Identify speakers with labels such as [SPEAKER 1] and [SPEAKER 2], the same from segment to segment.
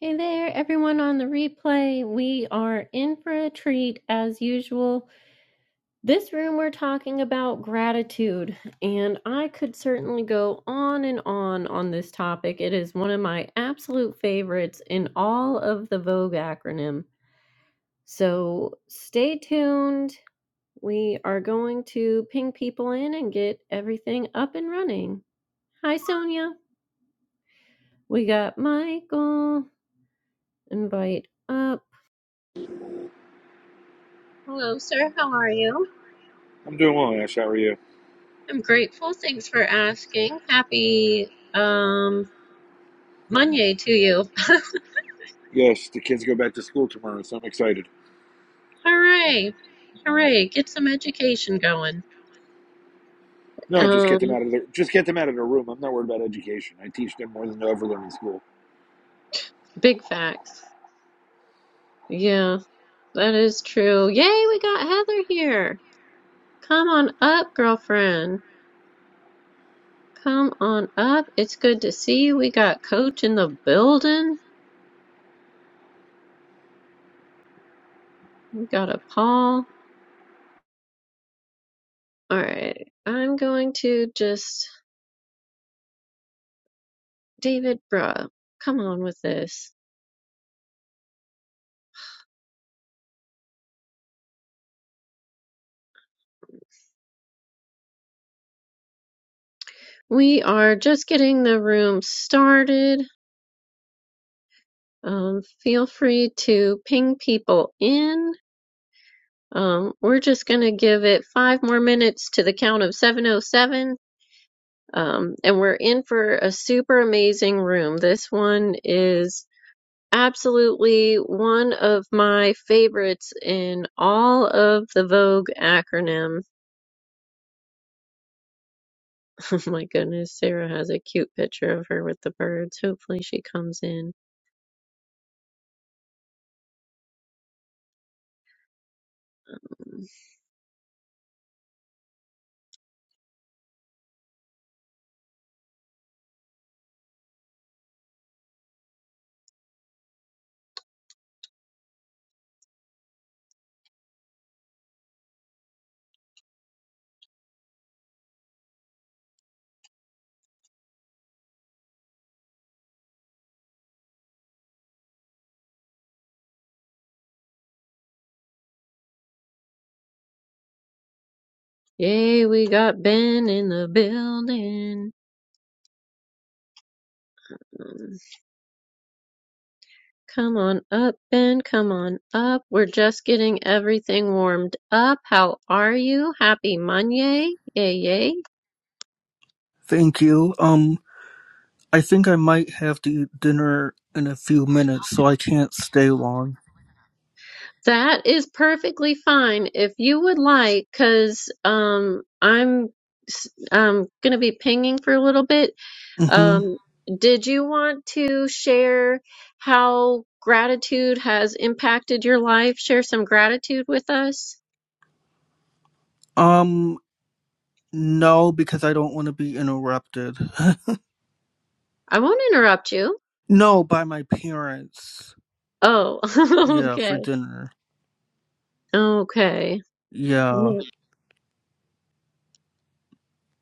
[SPEAKER 1] Hey there, everyone on the replay. We are in for a treat as usual. This room, we're talking about gratitude, and I could certainly go on and on on this topic. It is one of my absolute favorites in all of the Vogue acronym. So stay tuned. We are going to ping people in and get everything up and running. Hi, Sonia. We got Michael. Invite up. Hello, sir. How are you?
[SPEAKER 2] I'm doing well, Ash. How are you?
[SPEAKER 1] I'm grateful. Thanks for asking. Happy um Monday to you.
[SPEAKER 2] Yes, the kids go back to school tomorrow, so I'm excited.
[SPEAKER 1] Hooray. Hooray. Get some education going.
[SPEAKER 2] No, just
[SPEAKER 1] Um
[SPEAKER 2] get them out of their just get them out of their room. I'm not worried about education. I teach them more than they'll ever learn in school.
[SPEAKER 1] big facts. Yeah, that is true. Yay, we got Heather here. Come on up, girlfriend. Come on up. It's good to see you. We got coach in the building. We got a Paul. All right. I'm going to just David Bruh. Come on with this. We are just getting the room started. Um, feel free to ping people in. Um, we're just going to give it five more minutes to the count of 707. Um, and we're in for a super amazing room. This one is absolutely one of my favorites in all of the Vogue acronym. Oh my goodness, Sarah has a cute picture of her with the birds. Hopefully she comes in. Yay, we got Ben in the building. Mm. Come on up, Ben. Come on up. We're just getting everything warmed up. How are you? Happy Monday. Yay, yay.
[SPEAKER 3] Thank you. Um, I think I might have to eat dinner in a few minutes, so I can't stay long.
[SPEAKER 1] That is perfectly fine if you would like, because um, I'm s- um, going to be pinging for a little bit.
[SPEAKER 3] Mm-hmm.
[SPEAKER 1] Um, did you want to share how gratitude has impacted your life? Share some gratitude with us?
[SPEAKER 3] Um, no, because I don't want to be interrupted.
[SPEAKER 1] I won't interrupt you.
[SPEAKER 3] no, by my parents.
[SPEAKER 1] Oh,
[SPEAKER 3] Yeah, for
[SPEAKER 1] okay.
[SPEAKER 3] dinner.
[SPEAKER 1] Okay.
[SPEAKER 3] Yeah.
[SPEAKER 1] N-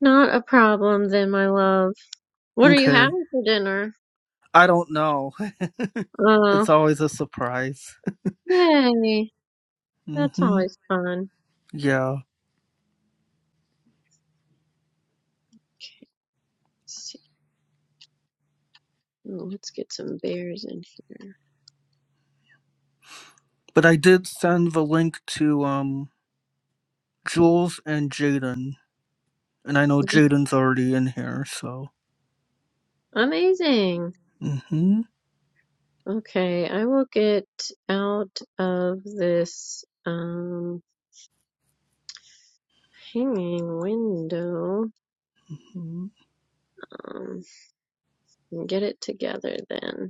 [SPEAKER 1] Not a problem then, my love. What are you
[SPEAKER 3] Okay.
[SPEAKER 1] having for dinner?
[SPEAKER 3] I don't know.
[SPEAKER 1] Oh,
[SPEAKER 3] It's always a surprise.
[SPEAKER 1] yay. That's
[SPEAKER 3] Mm-hmm.
[SPEAKER 1] always fun.
[SPEAKER 3] Yeah.
[SPEAKER 1] Let's see. Oh, Let's get some bears in here.
[SPEAKER 3] But I did send the link to um Jules and Jaden, and I know
[SPEAKER 1] Mhm.
[SPEAKER 3] Jaden's already in here, so.
[SPEAKER 1] Amazing.
[SPEAKER 3] Mm-hmm.
[SPEAKER 1] Okay, I will get out of this um hanging window.
[SPEAKER 3] Mm-hmm.
[SPEAKER 1] Um, and get it together then.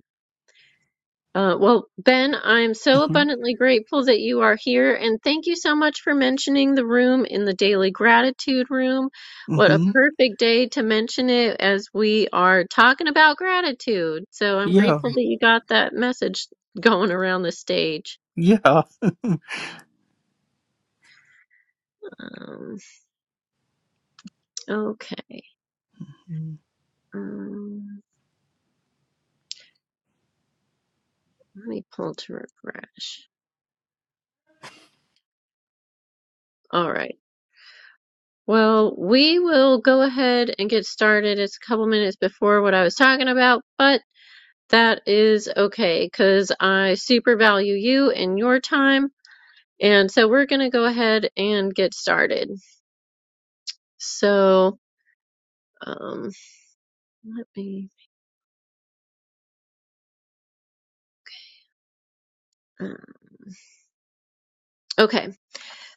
[SPEAKER 1] Uh, well, Ben, I am so
[SPEAKER 3] Mm-hmm.
[SPEAKER 1] abundantly grateful that you are here, and thank you so much for mentioning the room in the Daily Gratitude Room. What a
[SPEAKER 3] hmm
[SPEAKER 1] perfect day to mention it as we are talking about gratitude. So I'm
[SPEAKER 3] Yeah,
[SPEAKER 1] grateful that you got that message going around the stage.
[SPEAKER 3] yeah.
[SPEAKER 1] Um, okay. Um, let me pull to refresh. All right. Well, we will go ahead and get started. It's a couple minutes before what I was talking about, but That is okay, because I super value you and your time. And so we're going to go ahead and get started. So, um, let me. uh, Okay,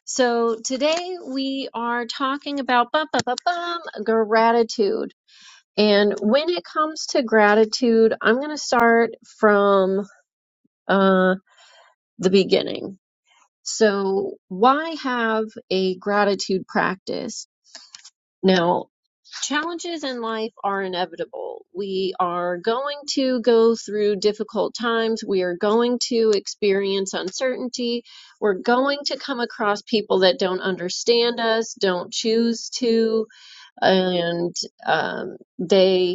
[SPEAKER 1] so today we are talking about bum, bum, bum, bum, gratitude. And when it comes to gratitude, I'm going to start from uh, the beginning. So, why have a gratitude practice? Now, challenges in life are inevitable. We are going to go through difficult times. We are going to experience uncertainty. We're going to come across people that don't understand us, don't choose to, and um, they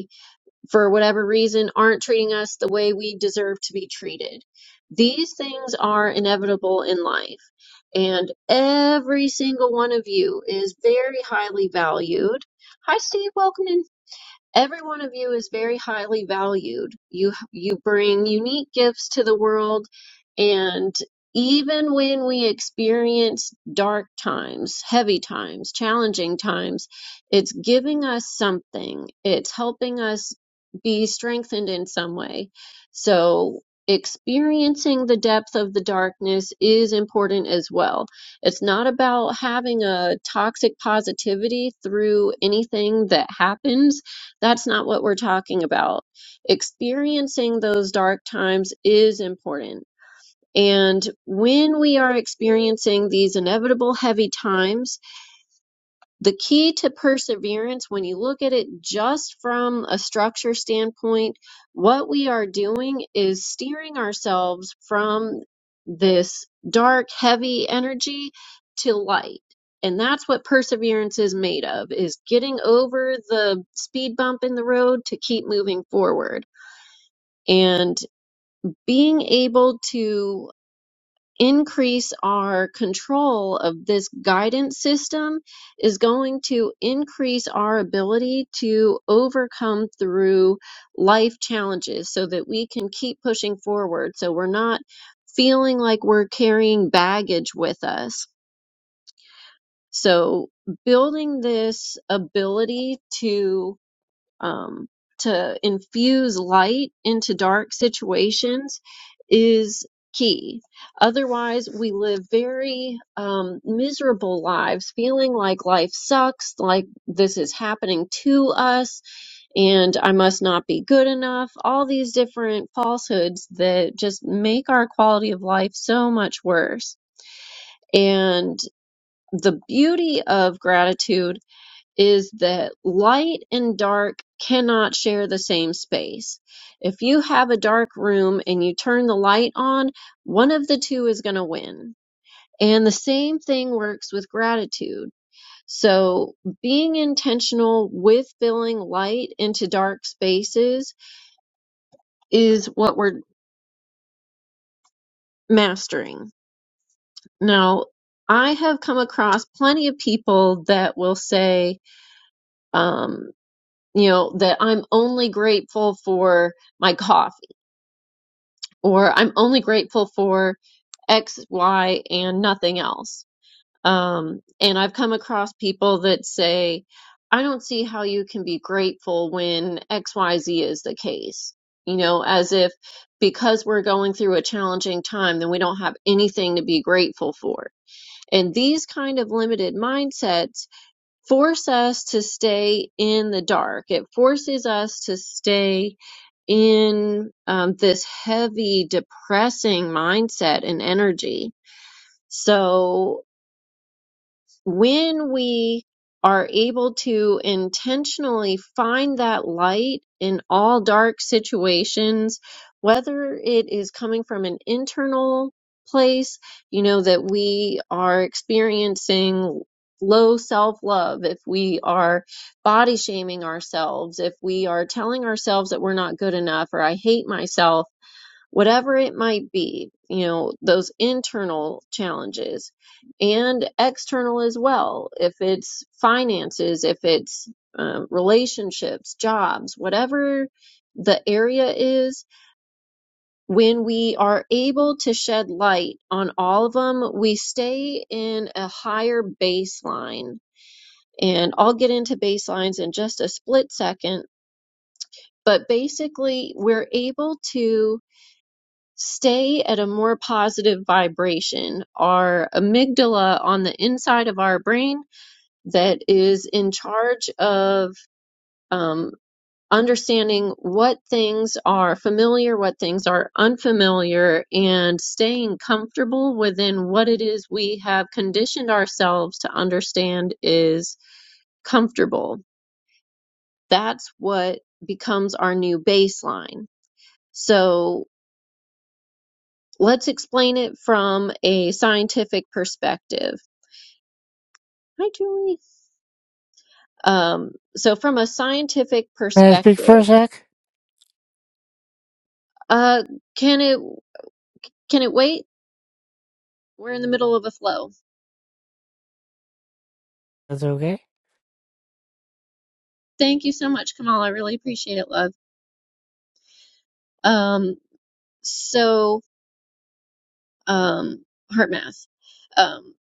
[SPEAKER 1] for whatever reason, aren't treating us the way we deserve to be treated. These things are inevitable in life, and every single one of you is very highly valued. Hi, Steve. Welcome in. Every one of you is very highly valued. You you bring unique gifts to the world and even when we experience dark times, heavy times, challenging times, it's giving us something. It's helping us be strengthened in some way. So experiencing the depth of the darkness is important as well. It's not about having a toxic positivity through anything that happens that's not what we're talking about. Experiencing those dark times is important. And when we are experiencing these inevitable heavy times, the key to perseverance, when you look at it just from a structure standpoint, what we are doing is steering ourselves from this dark, heavy energy to light. And that's what perseverance is made of, is getting over the speed bump in the road to keep moving forward. And being able to increase our control of this guidance system is going to increase our ability to overcome through life challenges so that we can keep pushing forward. So we're not feeling like we're carrying baggage with us. So building this ability to um, to infuse light into dark situations is key. Otherwise, we live very um, miserable lives, feeling like life sucks, like this is happening to us, and I must not be good enough. All these different falsehoods that just make our quality of life so much worse. And the beauty of gratitude is that light and dark cannot share the same space. If you have a dark room and you turn the light on, one of the two is going to win. And the same thing works with gratitude. So being intentional with filling light into dark spaces is what we're mastering. Now, I have come across plenty of people that will say, um, you know, that I'm only grateful for my coffee or I'm only grateful for X, Y, and nothing else. Um, and I've come across people that say, I don't see how you can be grateful when X, Y, Z is the case. You know, as if because we're going through a challenging time, then we don't have anything to be grateful for. And these kind of limited mindsets force us to stay in the dark. It forces us to stay in um, this heavy, depressing mindset and energy. So when we are able to intentionally find that light in all dark situations, whether it is coming from an internal place, you know, that we are experiencing low self love, if we are body shaming ourselves, if we are telling ourselves that we're not good enough or I hate myself whatever it might be, you know, those internal challenges and external as well. If it's finances, if it's um, relationships, jobs, whatever the area is, when we are able to shed light on all of them, we stay in a higher baseline. And I'll get into baselines in just a split second, but basically, we're able to stay at a more positive vibration. Our amygdala on the inside of our brain that is in charge of um, understanding what things are familiar, what things are unfamiliar, and staying comfortable within what it is we have conditioned ourselves to understand is comfortable. That's what becomes our new baseline. So let's explain it from a scientific perspective. Hi, Julie. Um, so from a scientific
[SPEAKER 4] May I speak for
[SPEAKER 1] perspective,
[SPEAKER 4] a sec?
[SPEAKER 1] uh, can it can it wait? We're in the middle of a flow.
[SPEAKER 4] That's okay.
[SPEAKER 1] Thank you so much, Kamal. I really appreciate it, love. Um, so um, heart math. Um,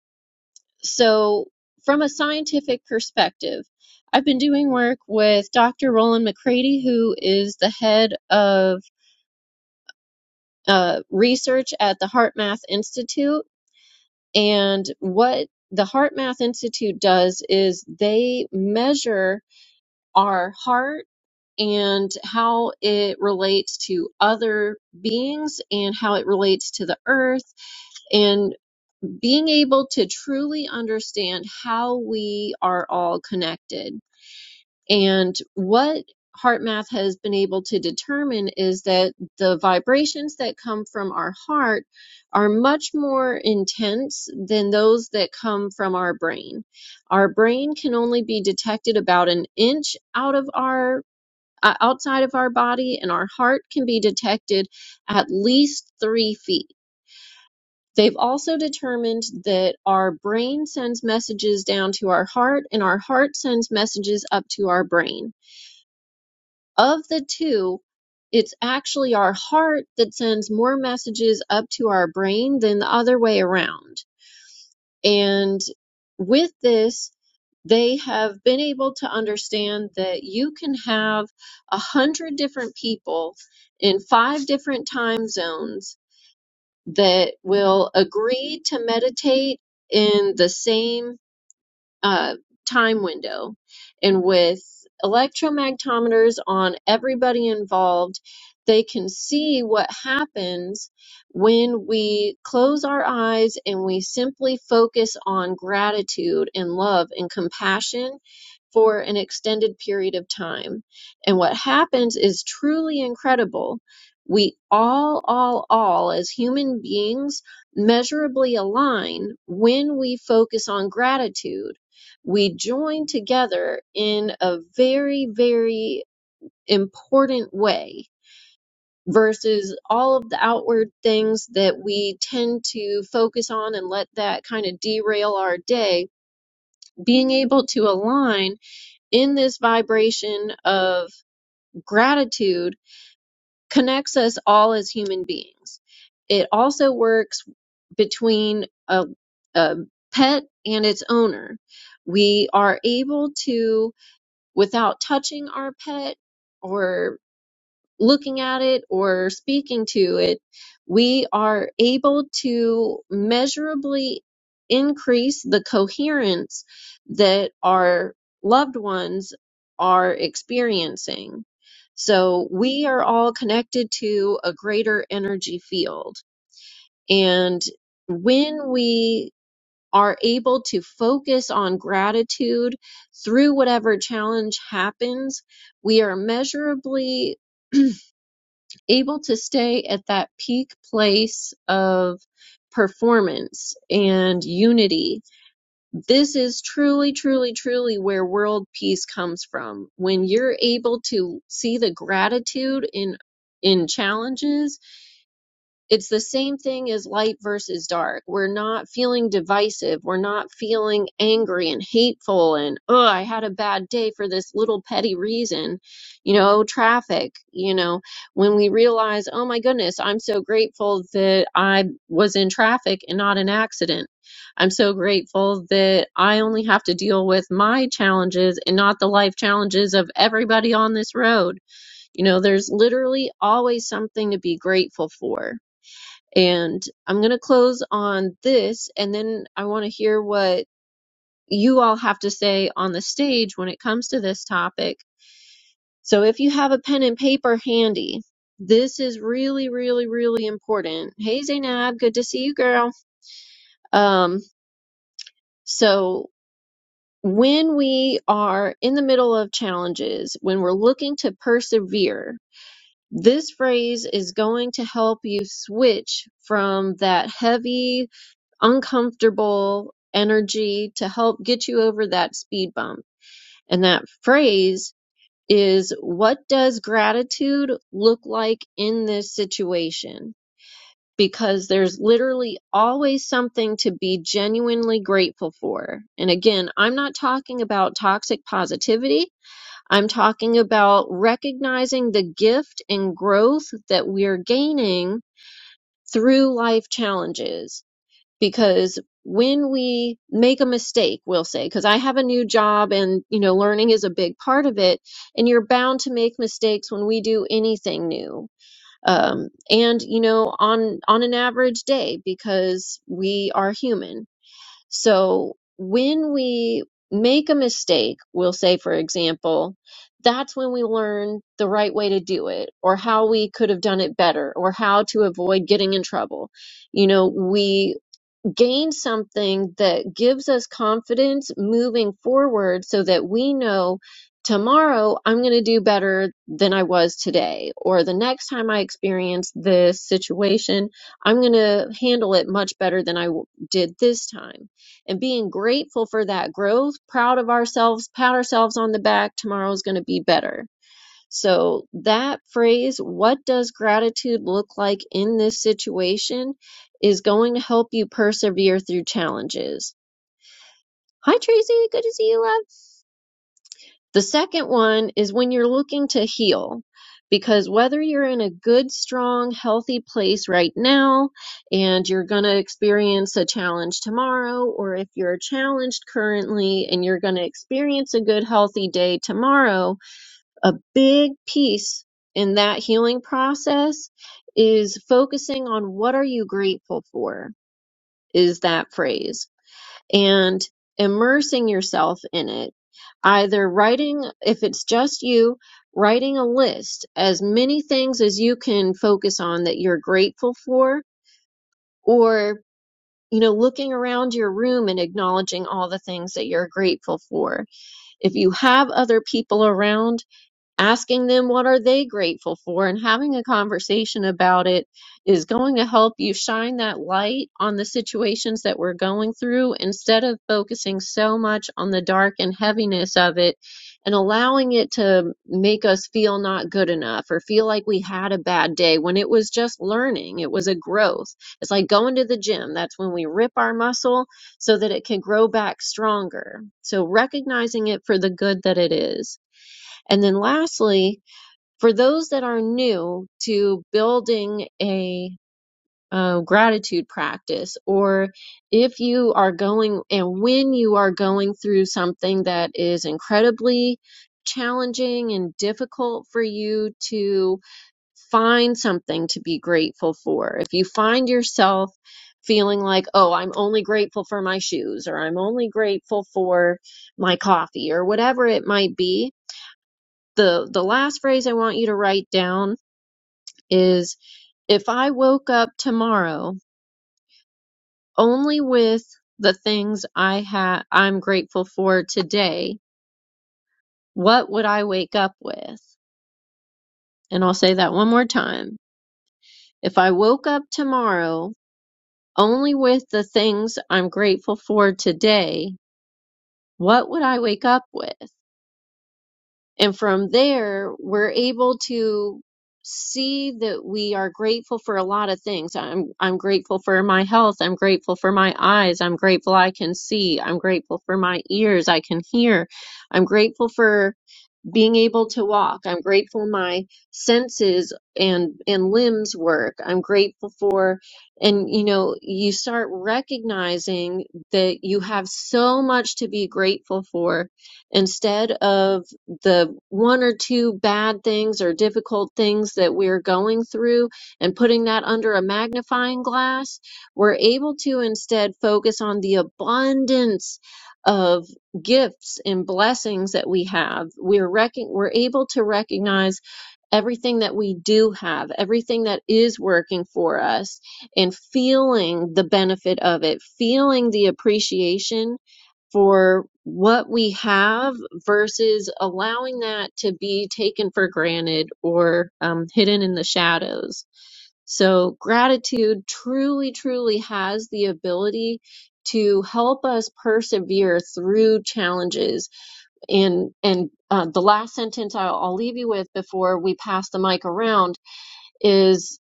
[SPEAKER 1] so from a scientific perspective, I've been doing work with Dr. Roland McCready, who is the head of uh, research at the HeartMath Institute. And what the HeartMath Institute does is they measure our heart and how it relates to other beings and how it relates to the earth and being able to truly understand how we are all connected and what HeartMath has been able to determine is that the vibrations that come from our heart are much more intense than those that come from our brain. Our brain can only be detected about an inch out of our uh, outside of our body, and our heart can be detected at least three feet. They've also determined that our brain sends messages down to our heart, and our heart sends messages up to our brain. Of the two, it's actually our heart that sends more messages up to our brain than the other way around. And with this, they have been able to understand that you can have a hundred different people in five different time zones that will agree to meditate in the same uh, time window. And with electromagnometers on everybody involved, they can see what happens when we close our eyes and we simply focus on gratitude and love and compassion for an extended period of time. And what happens is truly incredible. We all, all, all, as human beings, measurably align when we focus on gratitude. We join together in a very, very important way versus all of the outward things that we tend to focus on and let that kind of derail our day. Being able to align in this vibration of gratitude connects us all as human beings. It also works between a, a pet and its owner. We are able to, without touching our pet, or looking at it or speaking to it, we are able to measurably increase the coherence that our loved ones are experiencing. So we are all connected to a greater energy field. And when we are able to focus on gratitude through whatever challenge happens, we are measurably able to stay at that peak place of performance and unity. This is truly, truly, truly where world peace comes from. When you're able to see the gratitude in in challenges it's the same thing as light versus dark. We're not feeling divisive. We're not feeling angry and hateful and, oh, I had a bad day for this little petty reason. You know, traffic, you know, when we realize, oh my goodness, I'm so grateful that I was in traffic and not an accident. I'm so grateful that I only have to deal with my challenges and not the life challenges of everybody on this road. You know, there's literally always something to be grateful for. And I'm going to close on this, and then I want to hear what you all have to say on the stage when it comes to this topic. So if you have a pen and paper handy, this is really, really, really important. Hey, Zainab, good to see you, girl. Um, so when we are in the middle of challenges, when we're looking to persevere, this phrase is going to help you switch from that heavy uncomfortable energy to help get you over that speed bump. And that phrase is what does gratitude look like in this situation? Because there's literally always something to be genuinely grateful for. And again, I'm not talking about toxic positivity. I'm talking about recognizing the gift and growth that we're gaining through life challenges because when we make a mistake we'll say because i have a new job and you know learning is a big part of it and you're bound to make mistakes when we do anything new um, and you know on on an average day because we are human so when we make a mistake we'll say for example that's when we learn the right way to do it or how we could have done it better or how to avoid getting in trouble you know we gain something that gives us confidence moving forward so that we know tomorrow I'm going to do better than I was today, or the next time I experience this situation, I'm going to handle it much better than I w- did this time. And being grateful for that growth, proud of ourselves, pat ourselves on the back, tomorrow's going to be better so that phrase, what does gratitude look like in this situation, is going to help you persevere through challenges. Hi, Tracy. Good to see you, love. The second one is when you're looking to heal, because whether you're in a good, strong, healthy place right now and you're going to experience a challenge tomorrow, or if you're challenged currently and you're going to experience a good, healthy day tomorrow, a big piece in that healing process is focusing on what are you grateful for is that phrase and immersing yourself in it either writing if it's just you writing a list as many things as you can focus on that you're grateful for or you know looking around your room and acknowledging all the things that you're grateful for if you have other people around asking them what are they grateful for and having a conversation about it is going to help you shine that light on the situations that we're going through instead of focusing so much on the dark and heaviness of it and allowing it to make us feel not good enough or feel like we had a bad day when it was just learning it was a growth it's like going to the gym that's when we rip our muscle so that it can grow back stronger so recognizing it for the good that it is and then lastly, for those that are new to building a uh, gratitude practice, or if you are going and when you are going through something that is incredibly challenging and difficult for you to find something to be grateful for, if you find yourself feeling like, oh, I'm only grateful for my shoes, or I'm only grateful for my coffee, or whatever it might be, the the last phrase I want you to write down is if I woke up tomorrow only with the things I ha I'm grateful for today, what would I wake up with? And I'll say that one more time. If I woke up tomorrow only with the things I'm grateful for today, what would I wake up with? And from there, we're able to see that we are grateful for a lot of things. I'm I'm grateful for my health. I'm grateful for my eyes. I'm grateful I can see. I'm grateful for my ears. I can hear. I'm grateful for being able to walk. I'm grateful my senses and and limbs work. I'm grateful for and you know, you start recognizing that you have so much to be grateful for instead of the one or two bad things or difficult things that we're going through and putting that under a magnifying glass, we're able to instead focus on the abundance of gifts and blessings that we have we're rec- we're able to recognize everything that we do have everything that is working for us and feeling the benefit of it feeling the appreciation for what we have versus allowing that to be taken for granted or um, hidden in the shadows so gratitude truly truly has the ability to help us persevere through challenges and and uh, the last sentence I'll, I'll leave you with before we pass the mic around is,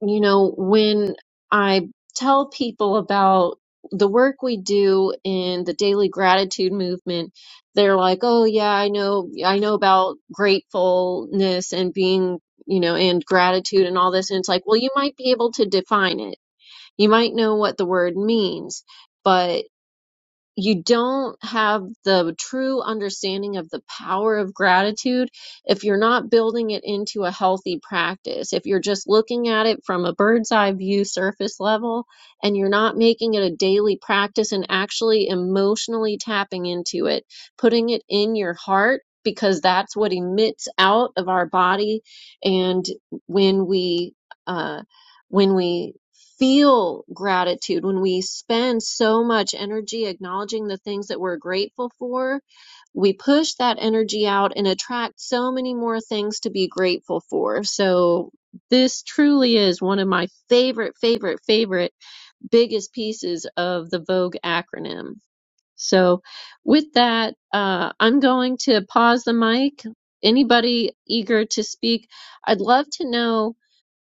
[SPEAKER 1] you know, when I tell people about the work we do in the daily gratitude movement, they're like, "Oh yeah, I know, I know about gratefulness and being." You know, and gratitude and all this. And it's like, well, you might be able to define it. You might know what the word means, but you don't have the true understanding of the power of gratitude if you're not building it into a healthy practice. If you're just looking at it from a bird's eye view surface level and you're not making it a daily practice and actually emotionally tapping into it, putting it in your heart because that's what emits out of our body and when we uh when we feel gratitude, when we spend so much energy acknowledging the things that we're grateful for, we push that energy out and attract so many more things to be grateful for. So, this truly is one of my favorite, favorite, favorite, biggest pieces of the Vogue acronym. So, with that, uh, I'm going to pause the mic. Anybody eager to speak? I'd love to know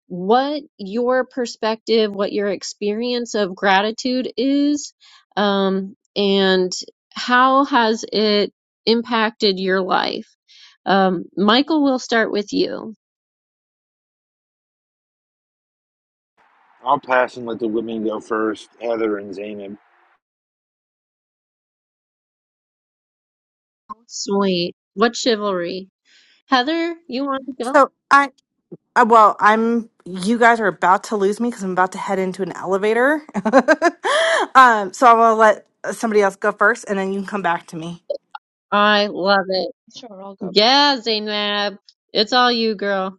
[SPEAKER 1] what your perspective, what your experience of gratitude is, um, and how has it impacted your life? Um, Michael, we'll start with you.
[SPEAKER 2] I'll pass and let the women go first, Heather and Zainab.
[SPEAKER 1] Sweet. What chivalry? Heather, you want to go?
[SPEAKER 5] So I, I well, I'm. You guys are about to lose me because I'm about to head into an elevator. um, so I'm gonna let uh, somebody else go first, and then you can come back to me.
[SPEAKER 1] I love it.
[SPEAKER 6] Sure, I'll go.
[SPEAKER 1] Yeah, Zainab. It's all you, girl.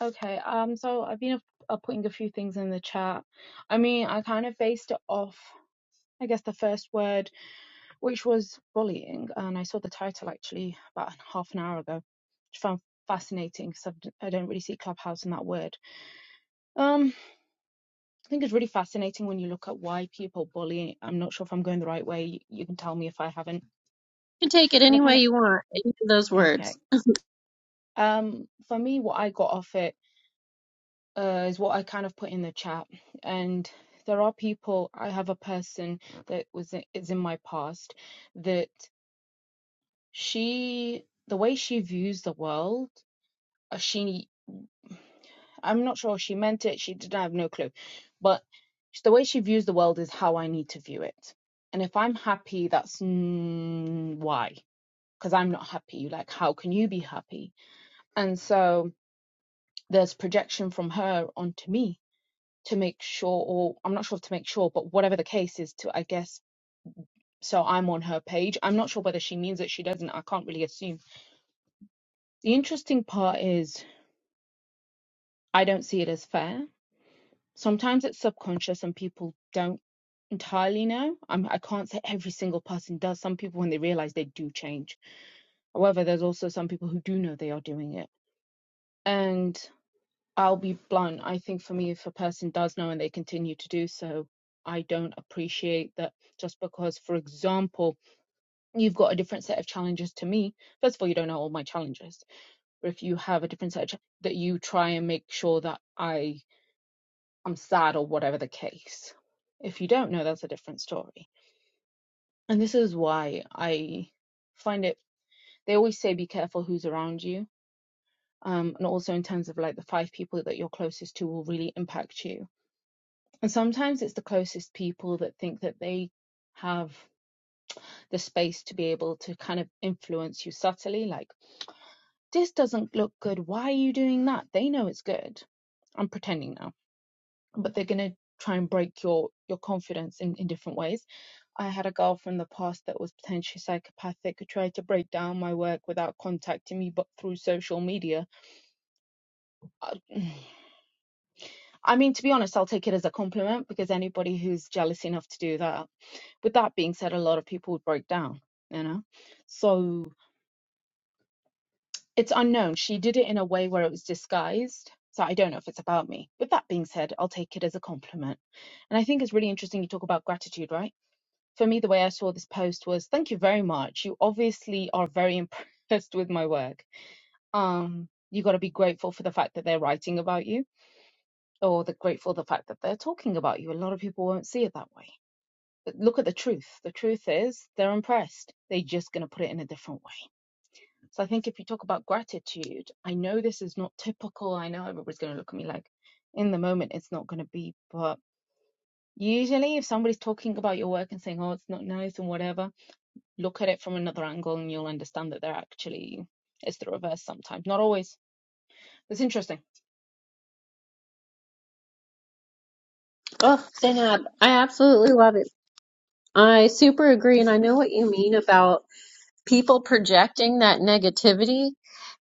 [SPEAKER 6] Okay, um, so I've been uh, putting a few things in the chat. I mean, I kind of based it off, I guess, the first word, which was bullying, and I saw the title actually about half an hour ago, which I found fascinating because I don't really see Clubhouse in that word. Um, I think it's really fascinating when you look at why people bully. I'm not sure if I'm going the right way. You you can tell me if I haven't,
[SPEAKER 1] You can take it
[SPEAKER 6] but I
[SPEAKER 1] any
[SPEAKER 6] kind
[SPEAKER 1] way you want, any of those
[SPEAKER 6] of okay.
[SPEAKER 1] words.
[SPEAKER 6] Um, for me, what I got off it. uh, is what I kind of put in the chat. And there are people, I have a person that was is in my past that she, the way she views the world, uh, she, I'm not sure she meant it, she didn't I have no clue, but the way she views the world is how I need to view it. And if I'm happy, that's mm, why, because I'm not happy. Like, how can you be happy? And so there's projection from her onto me to make sure, or I'm not sure if to make sure, but whatever the case is, to I guess. So I'm on her page. I'm not sure whether she means it, she doesn't. I can't really assume. The interesting part is I don't see it as fair. Sometimes it's subconscious and people don't entirely know. I'm, I can't say every single person does. Some people, when they realize, they do change. However, there's also some people who do know they are doing it. And I'll be blunt. I think for me, if a person does know and they continue to do so, I don't appreciate that just because, for example, you've got a different set of challenges to me. First of all, you don't know all my challenges, but if you have a different set of ch- that you try and make sure that I am sad or whatever the case. If you don't know, that's a different story. And this is why I find it. They always say be careful who's around you, um, and also in terms of like the five people that you're closest to will really impact you. And sometimes it's the closest people that think that they have the space to be able to kind of influence you subtly, like this doesn't look good. Why are you doing that? They know it's good. I'm pretending now, but they're gonna try and break your your confidence in, in different ways. I had a girl from the past that was potentially psychopathic who tried to break down my work without contacting me, but through social media. I, I mean, to be honest, I'll take it as a compliment because anybody who's jealous enough to do that. With that being said, a lot of people would break down, you know. So It's unknown. She did it in a way where it was disguised. So I don't know if it's about me. With that being said, I'll take it as a compliment. And I think it's really interesting you talk about gratitude, right? For me, the way I saw this post was thank you very much. You obviously are very impressed with my work. Um, you got to be grateful for the fact that they're writing about you or the grateful for the fact that they're talking about you. A lot of people won't see it that way. But look at the truth. The truth is they're impressed. They're just going to put it in a different way. So I think if you talk about gratitude, I know this is not typical. I know everybody's going to look at me like in the moment it's not going to be, but usually if somebody's talking about your work and saying, oh, it's not nice and whatever, look at it from another angle and you'll understand that they're actually, it's the reverse sometimes. Not always. It's interesting.
[SPEAKER 1] Oh, Zainab, I absolutely love it. I super agree, and I know what you mean about people projecting that negativity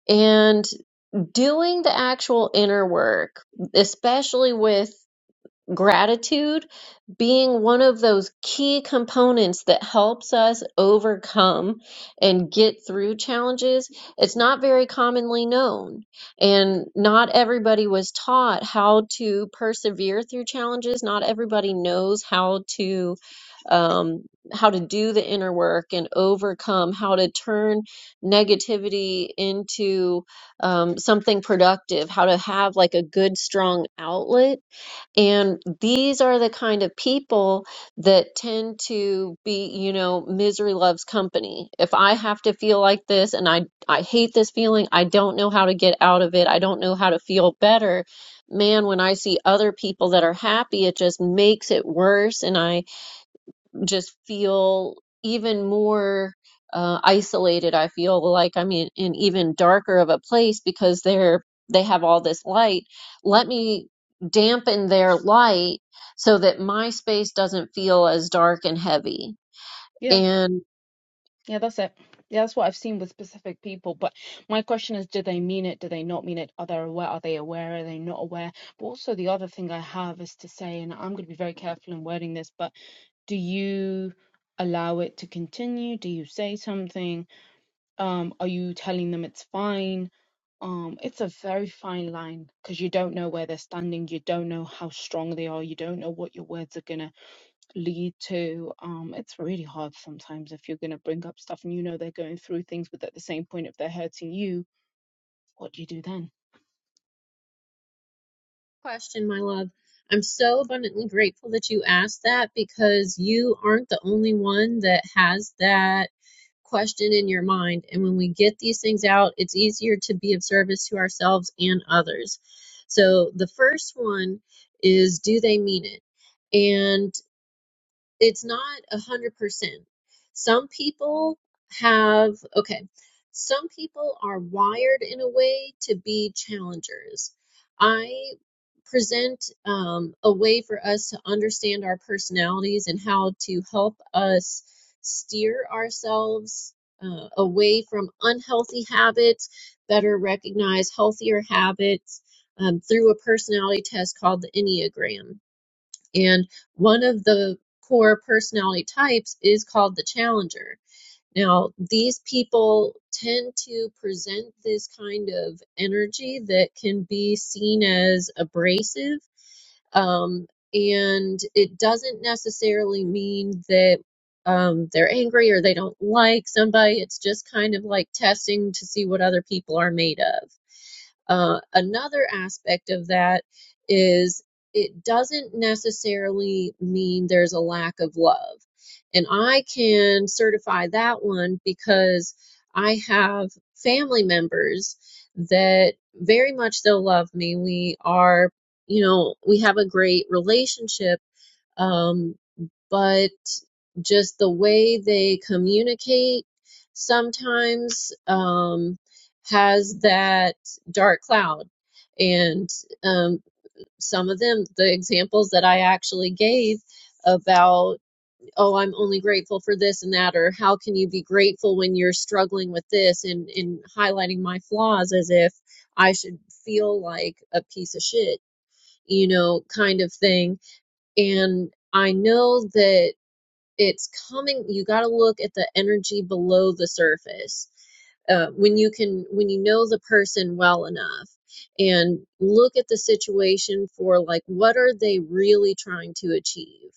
[SPEAKER 1] and doing the actual inner work, especially with gratitude being one of those key components that helps us overcome and get through challenges, it's not very commonly known. And not everybody was taught how to persevere through challenges. Not everybody knows how to um how to do the inner work and overcome how to turn negativity into um, something productive how to have like a good strong outlet and these are the kind of people that tend to be, you know, misery loves company. If I have to feel like this and I I hate this feeling, I don't know how to get out of it. I don't know how to feel better. Man, when I see other people that are happy, it just makes it worse and I just feel even more uh, isolated. I feel like I'm in an even darker of a place because they're they have all this light. Let me dampen their light so that my space doesn't feel as dark and heavy.
[SPEAKER 6] Yeah.
[SPEAKER 1] And
[SPEAKER 6] Yeah, that's it. Yeah, that's what I've seen with specific people. But my question is, do they mean it? Do they not mean it? Are they aware? Are they aware? Are they not aware? But also the other thing I have is to say, and I'm going to be very careful in wording this, but do you allow it to continue? Do you say something? Um, are you telling them it's fine? Um, it's a very fine line because you don't know where they're standing. You don't know how strong they are. You don't know what your words are gonna lead to um it's really hard sometimes if you're going to bring up stuff and you know they're going through things but at the same point if they're hurting you what do you do then
[SPEAKER 1] question, my love. I'm so abundantly grateful that you asked that because you aren't the only one that has that question in your mind. And when we get these things out, it's easier to be of service to ourselves and others. So the first one is do they mean it? And it's not a hundred percent. Some people have okay. Some people are wired in a way to be challengers. I present um, a way for us to understand our personalities and how to help us steer ourselves uh, away from unhealthy habits, better recognize healthier habits um, through a personality test called the Enneagram and one of the core personality types is called the challenger. Now, these people tend to present this kind of energy that can be seen as abrasive. Um, and it doesn't necessarily mean that um, they're angry or they don't like somebody. It's just kind of like testing to see what other people are made of. Uh, another aspect of that is it doesn't necessarily mean there's a lack of love. And I can certify that one because I have family members that very much still love me. We are, you know, we have a great relationship. Um, but just the way they communicate sometimes um, has that dark cloud. And um, some of them, the examples that I actually gave about, oh, I'm only grateful for this and that, or how can you be grateful when you're struggling with this, and, and highlighting my flaws as if I should feel like a piece of shit, you know, kind of thing. And I know that it's coming you got to look at the energy below the surface uh, when you can when you know the person well enough and look at the situation for like what are they really trying to achieve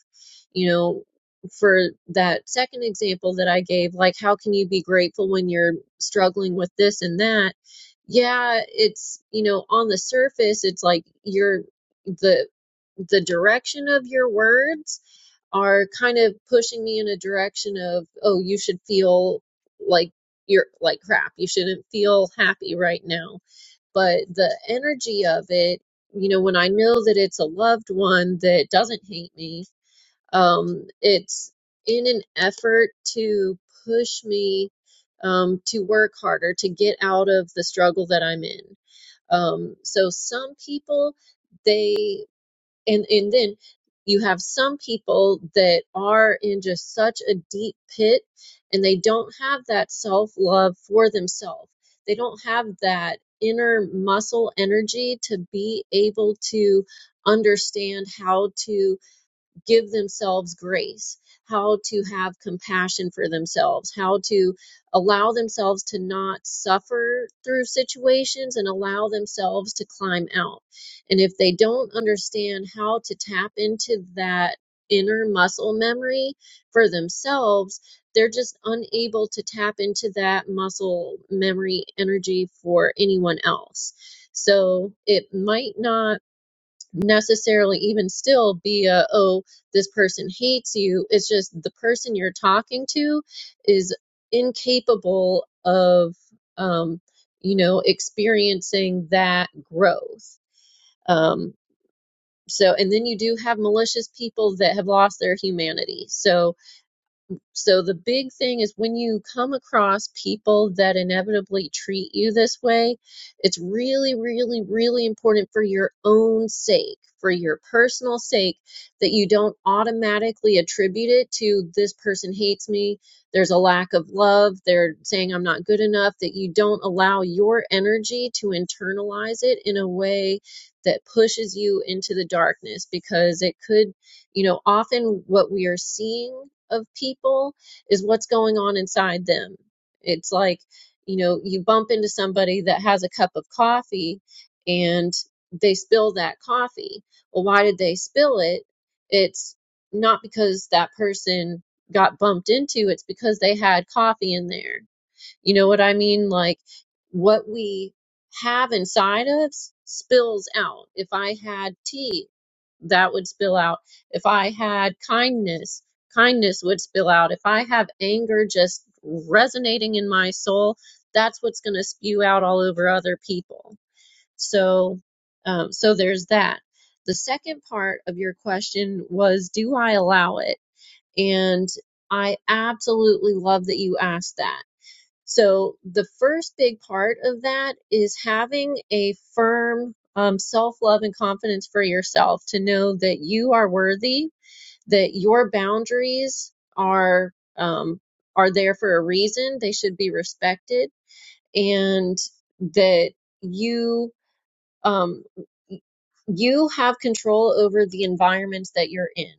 [SPEAKER 1] you know for that second example that i gave like how can you be grateful when you're struggling with this and that yeah it's you know on the surface it's like you're the the direction of your words are kind of pushing me in a direction of, oh, you should feel like you're like crap. You shouldn't feel happy right now. But the energy of it, you know, when I know that it's a loved one that doesn't hate me, um, it's in an effort to push me um, to work harder, to get out of the struggle that I'm in. Um, so some people, they and and then you have some people that are in just such a deep pit and they don't have that self love for themselves they don't have that inner muscle energy to be able to understand how to give themselves grace, how to have compassion for themselves, how to allow themselves to not suffer through situations and allow themselves to climb out. And if they don't understand how to tap into that inner muscle memory for themselves, they're just unable to tap into that muscle memory energy for anyone else. So it might not necessarily even still be a oh this person hates you it's just the person you're talking to is incapable of um you know experiencing that growth um so and then you do have malicious people that have lost their humanity so so the big thing is when you come across people that inevitably treat you this way, it's really, really, really important for your own sake, for your personal sake, that you don't automatically attribute it to this person hates me, there's a lack of love, they're saying I'm not good enough, that you don't allow your energy to internalize it in a way that pushes you into the darkness because it could you know, often what we are seeing of people is what's going on inside them. It's like, you know, you bump into somebody that has a cup of coffee and they spill that coffee. Well, why did they spill it? It's not because that person got bumped into, it's because they had coffee in there you know what I mean? Like what we have inside us spills out. If I had tea, that would spill out. If I had kindness, kindness would spill out. If I have anger just resonating in my soul, that's what's going to spew out all over other people. So, um, so there's that. The second part of your question was, do I allow it? And I absolutely love that you asked that so the first big part of that is having a firm um, self-love and confidence for yourself to know that you are worthy, that your boundaries are um, are there for a reason. They should be respected, and that you um, you have control over the environment that you're in,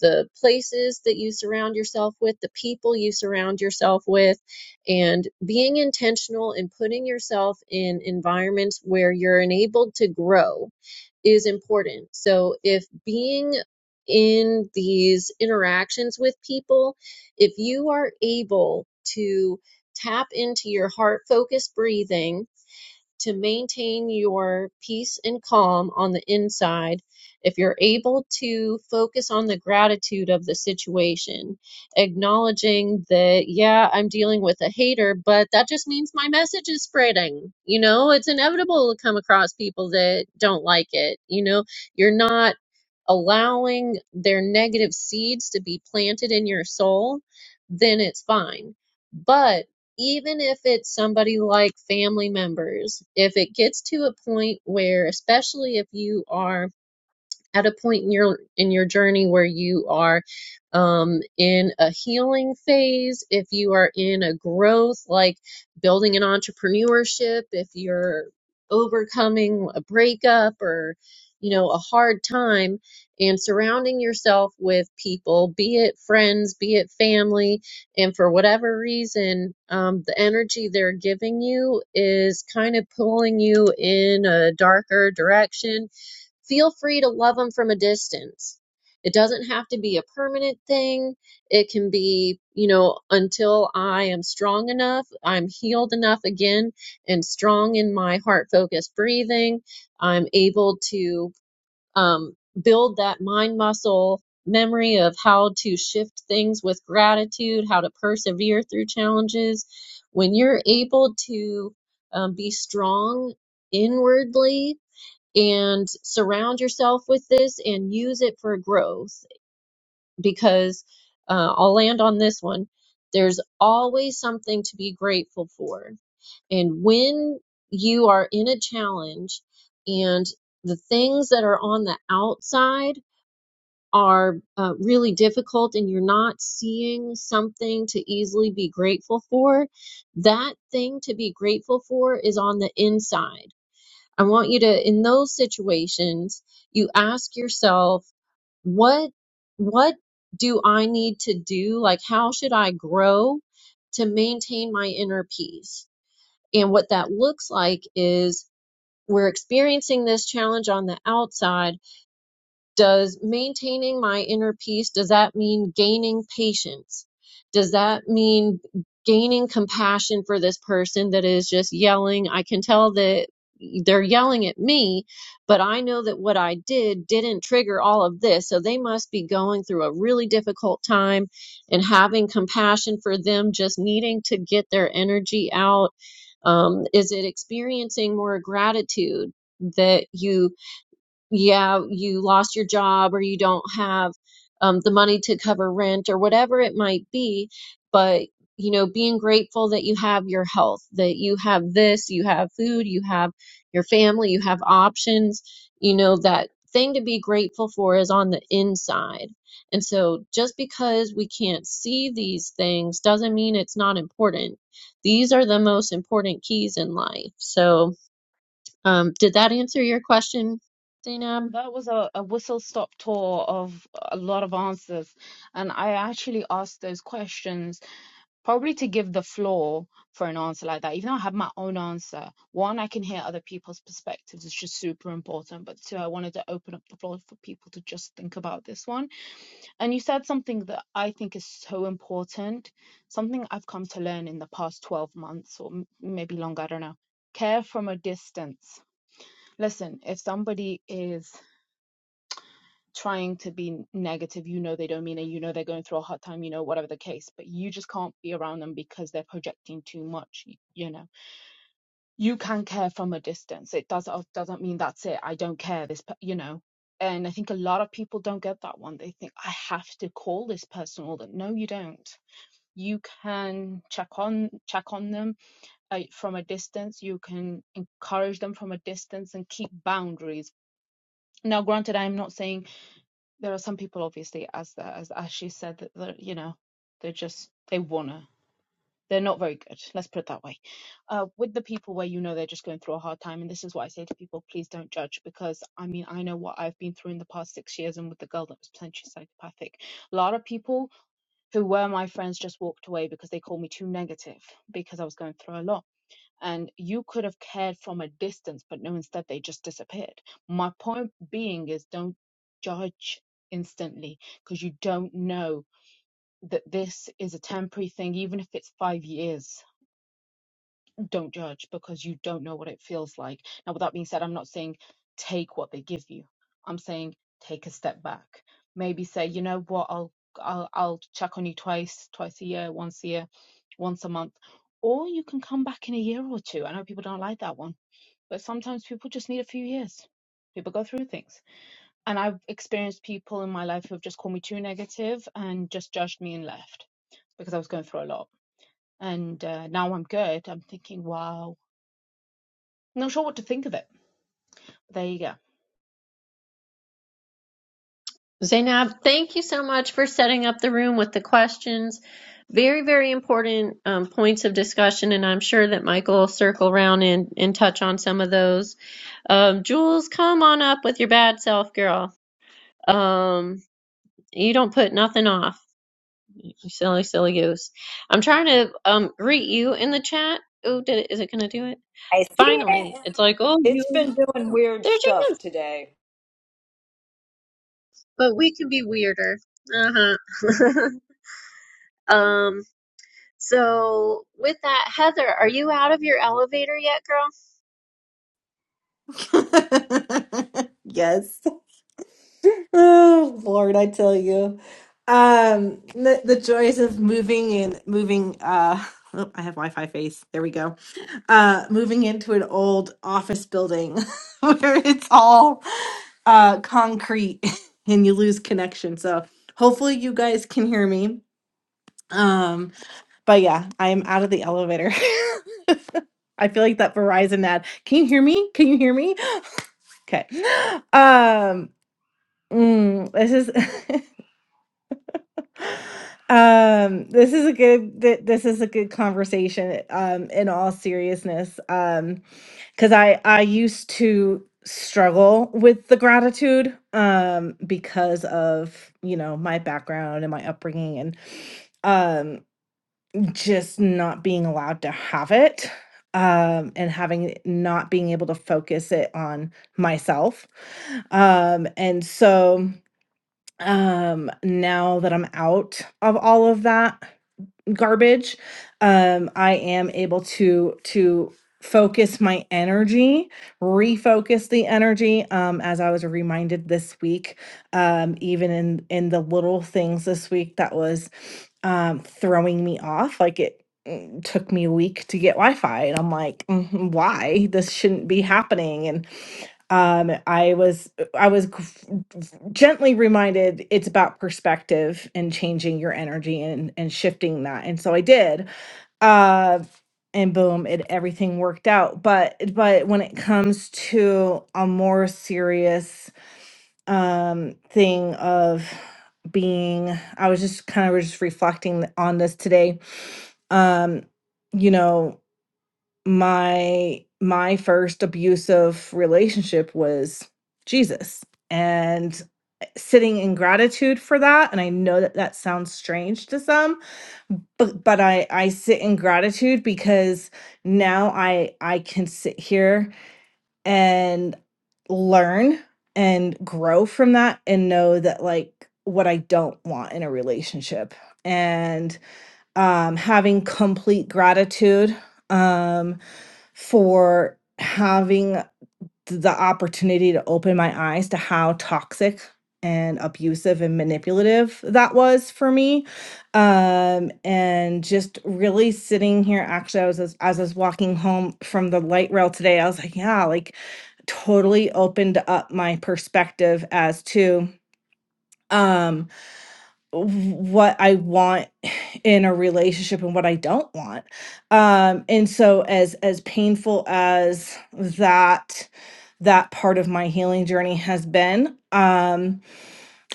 [SPEAKER 1] the places that you surround yourself with, the people you surround yourself with, and being intentional and putting yourself in environments where you're enabled to grow is important. So if being in these interactions with people, if you are able to tap into your heart focused breathing to maintain your peace and calm on the inside if you're able to focus on the gratitude of the situation, acknowledging that, yeah, I'm dealing with a hater, but that just means my message is spreading. You know, it's inevitable to come across people that don't like it. You know, you're not allowing their negative seeds to be planted in your soul, then it's fine. But even if it's somebody like family members, if it gets to a point where, especially if you are at a point in your in your journey where you are um in a healing phase if you are in a growth like building an entrepreneurship if you're overcoming a breakup or you know a hard time and surrounding yourself with people be it friends be it family and for whatever reason um, the energy they're giving you is kind of pulling you in a darker direction feel free to love them from a distance. It doesn't have to be a permanent thing. It can be, you know, until I am strong enough, I'm healed enough again and strong in my heart focused breathing. I'm able to um, build that mind muscle memory of how to shift things with gratitude, how to persevere through challenges. When you're able to um, be strong inwardly, and surround yourself with this and use it for growth because uh, I'll land on this one. There's always something to be grateful for. And when you are in a challenge and the things that are on the outside are uh, really difficult and you're not seeing something to easily be grateful for, that thing to be grateful for is on the inside I want you to, in those situations, you ask yourself, what, what do I need to do? Like, how should I grow to maintain my inner peace? And what that looks like is we're experiencing this challenge on the outside does maintaining my inner peace does that mean gaining patience does that mean gaining compassion for this person that is just yelling i can tell that they're yelling at me but i know that what i did didn't trigger all of this so they must be going through a really difficult time and having compassion for them just needing to get their energy out um, is it experiencing more gratitude that you yeah, you lost your job or you don't have um, the money to cover rent or whatever it might be. But, you know, being grateful that you have your health, that you have this, you have food, you have your family, you have options. You know, that thing to be grateful for is on the inside. And so just because we can't see these things doesn't mean it's not important. These are the most important keys in life. So, um, did that answer your question, Zainab?
[SPEAKER 6] That was a, a whistle stop tour of a lot of answers. And I actually asked those questions probably to give the floor for an answer like that, even though I have my own answer, one, I can hear other people's perspectives, which is super important. But two, I wanted to open up the floor for people to just think about this one. And you said something that I think is so important, something I've come to learn in the past 12 months or m- maybe longer, I don't know. Care from a distance. Listen, if somebody is trying to be negative. You know they don't mean it. You know they're going through a hard time. You know whatever the case, but you just can't be around them because they're projecting too much. You know you can care from a distance. It does uh, doesn't mean that's it. I don't care this. You know. And I think a lot of people don't get that one. They think I have to call this person all that. No, you don't. You can check on check on them uh, from a distance. You can encourage them from a distance and keep boundaries. Now, granted, I'm not saying there are some people obviously as the, as as she said that they you know they're just they wanna they're not very good let's put it that way uh with the people where you know they're just going through a hard time and this is what i say to people please don't judge because i mean i know what i've been through in the past six years and with the girl that was potentially psychopathic a lot of people who were my friends just walked away because they called me too negative because i was going through a lot and you could have cared from a distance, but no, instead they just disappeared. My point being is don't judge instantly because you don't know that this is a temporary thing, even if it's five years. Don't judge because you don't know what it feels like. Now, with that being said, I'm not saying take what they give you, I'm saying take a step back. Maybe say, you know what, I'll I'll, I'll check on you twice, twice a year, once a year, once a month, or you can come back in a year or two. I know people don't like that one but sometimes people just need a few years. People go through things. And I've experienced people in my life who have just called me too negative and just judged me and left because I was going through a lot. And uh, now I'm good. I'm thinking, wow. I'm Not sure what to think of it. There you go.
[SPEAKER 1] Zainab, thank you so much for setting up the room with the questions. Very, very important um, points of discussion, and I'm sure that Michael will circle around and, and touch on some of those. Um, Jules, come on up with your bad self, girl. Um, you don't put nothing off, you silly, silly goose. I'm trying to um, greet you in the chat. Oh, did it, is it going to do it?
[SPEAKER 7] I see
[SPEAKER 1] Finally,
[SPEAKER 7] it.
[SPEAKER 1] it's like, oh, you,
[SPEAKER 7] It's been doing weird
[SPEAKER 1] there she
[SPEAKER 7] stuff
[SPEAKER 1] is.
[SPEAKER 7] today.
[SPEAKER 1] But we can be weirder. Uh huh. um, So, with that, Heather, are you out of your elevator yet, girl?
[SPEAKER 5] Yes. Oh, Lord, I tell you. Um, the, the joys of moving and moving. Uh, oh, I have Wi-Fi face. There we go. Uh, moving into an old office building where it's all uh concrete and you lose connection. So hopefully you guys can hear me. Um, but yeah, I am out of the elevator. I feel like that Verizon ad. Can you hear me? Can you hear me? Okay. Um, mm, this is. Um, this is a good th- this is a good conversation um in all seriousness. Um cuz I I used to struggle with the gratitude um because of, you know, my background and my upbringing and um just not being allowed to have it um and having not being able to focus it on myself. Um and so um now that I'm out of all of that garbage um i am able to to focus my energy refocus the energy um as i was reminded this week um even in in the little things this week that was um throwing me off like it mm, took me a week to get wi-fi and i'm like "Mhm, why this shouldn't be happening and um i was i was gr- gently reminded it's about perspective and changing your energy and and shifting that and so i did uh and boom it everything worked out but but when it comes to a more serious um thing of being i was just kind of just reflecting on this today um you know my my first abusive relationship was Jesus and eh, sitting in gratitude for that and I know that that sounds strange to some but but I I sit in gratitude because now I I can sit here and learn and grow from that and know that like what I don't want in a relationship and um having complete gratitude um for having the opportunity to open my eyes to how toxic and abusive and manipulative that was for me um and just really sitting here actually i was as, as i was walking home from the light rail today i was like yeah like totally opened up my perspective as to um w- what i want in a relationship and what I don't want. Um and so as as painful as that that part of my healing journey has been, um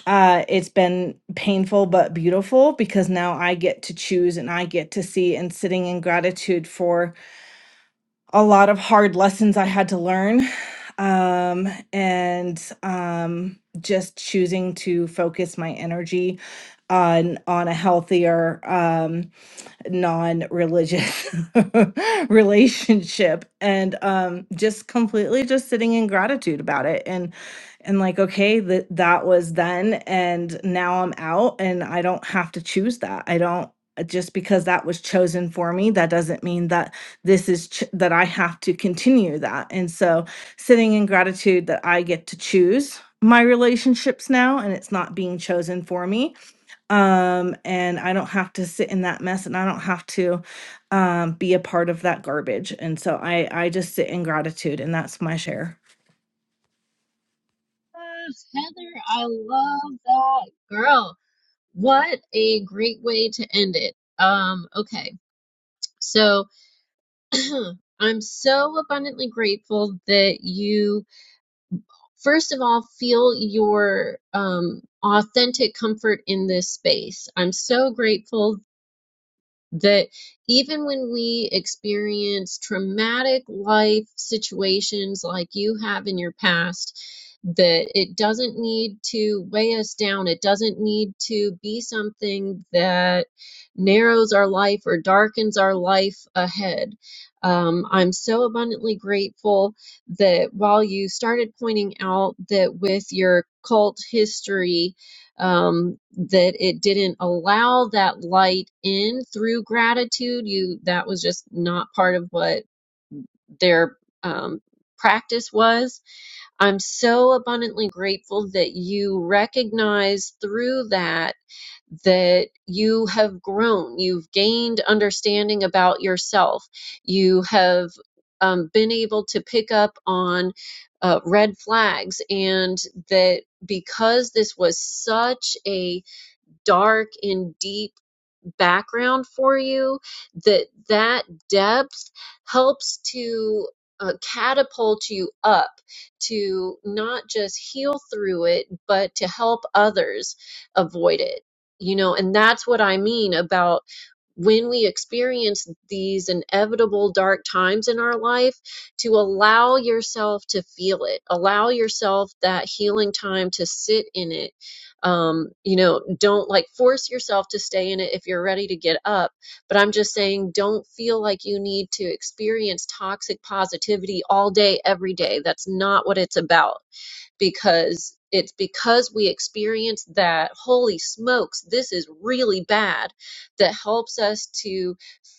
[SPEAKER 5] uh it's been painful but beautiful because now I get to choose and I get to see and sitting in gratitude for a lot of hard lessons I had to learn um and um just choosing to focus my energy on on a healthier um non-religious relationship and um just completely just sitting in gratitude about it and and like okay that that was then and now I'm out and I don't have to choose that I don't uh, just because that was chosen for me that doesn't mean that this is ch- that I have to continue that and so sitting in gratitude that I get to choose my relationships now and it's not being chosen for me um and i don't have to sit in that mess and i don't have to um be a part of that garbage and so i i just sit in gratitude and that's my share
[SPEAKER 1] Yes, Heather, I love that girl. What a great way to end it. Um, okay. So, I'm so abundantly grateful that you first of all, feel your um, authentic comfort in this space. I'm so grateful that even when we experience traumatic life situations like you have in your past, that it doesn't need to weigh us down. It doesn't need to be something that narrows our life or darkens our life ahead. Um, I'm so abundantly grateful that while you started pointing out that with your cult history, um, that it didn't allow that light in through gratitude. You that was just not part of what their um, practice was. I'm so abundantly grateful that you recognize through that that you have grown. You've gained understanding about yourself. You have um, been able to pick up on uh, red flags, and that because this was such a dark and deep background for you that that depth helps to uh, catapult you up to not just heal through it but to help others avoid it you know and that's what i mean about when we experience these inevitable dark times in our life to allow yourself to feel it allow yourself that healing time to sit in it um, you know, don't like force yourself to stay in it if you're ready to get up. But I'm just saying, don't feel like you need to experience toxic positivity all day, every day. That's not what it's about because it's because we experience that, holy smokes, this is really bad, that helps us to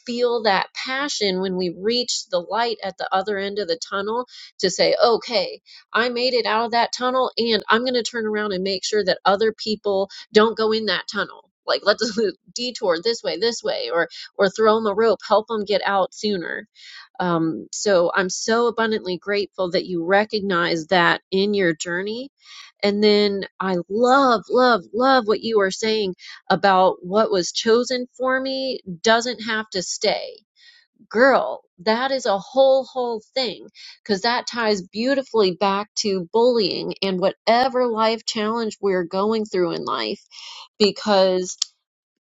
[SPEAKER 1] feel that passion when we reach the light at the other end of the tunnel to say, okay, I made it out of that tunnel and I'm going to turn around and make sure that other people don't go in that tunnel. Like let's detour this way, this way, or or throw them a rope, help them get out sooner um, so I'm so abundantly grateful that you recognize that in your journey. And then I love, love, love what you are saying about what was chosen for me doesn't have to stay. Girl, that is a whole, whole thing because that ties beautifully back to bullying and whatever life challenge we're going through in life. Because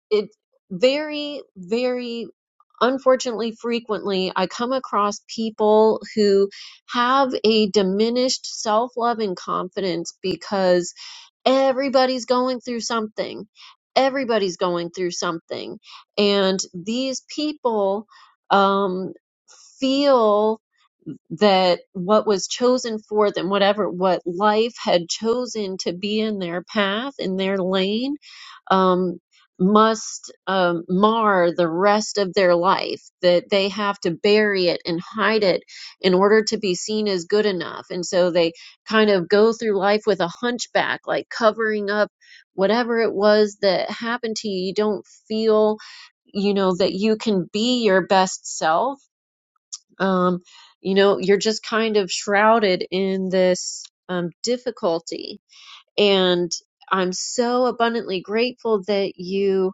[SPEAKER 1] it very, very unfortunately frequently I come across people who have a diminished self-love and confidence because everybody's going through something. Everybody's going through something. And these people um, feel that what was chosen for them, whatever what life had chosen to be in their path, in their lane, um, must um, mar the rest of their life, that they have to bury it and hide it in order to be seen as good enough. And so they kind of go through life with a hunchback, like covering up whatever it was that happened to you. You don't feel, you know, that you can be your best self um, you know, you're just kind of shrouded in this um, difficulty. And I'm so abundantly grateful that you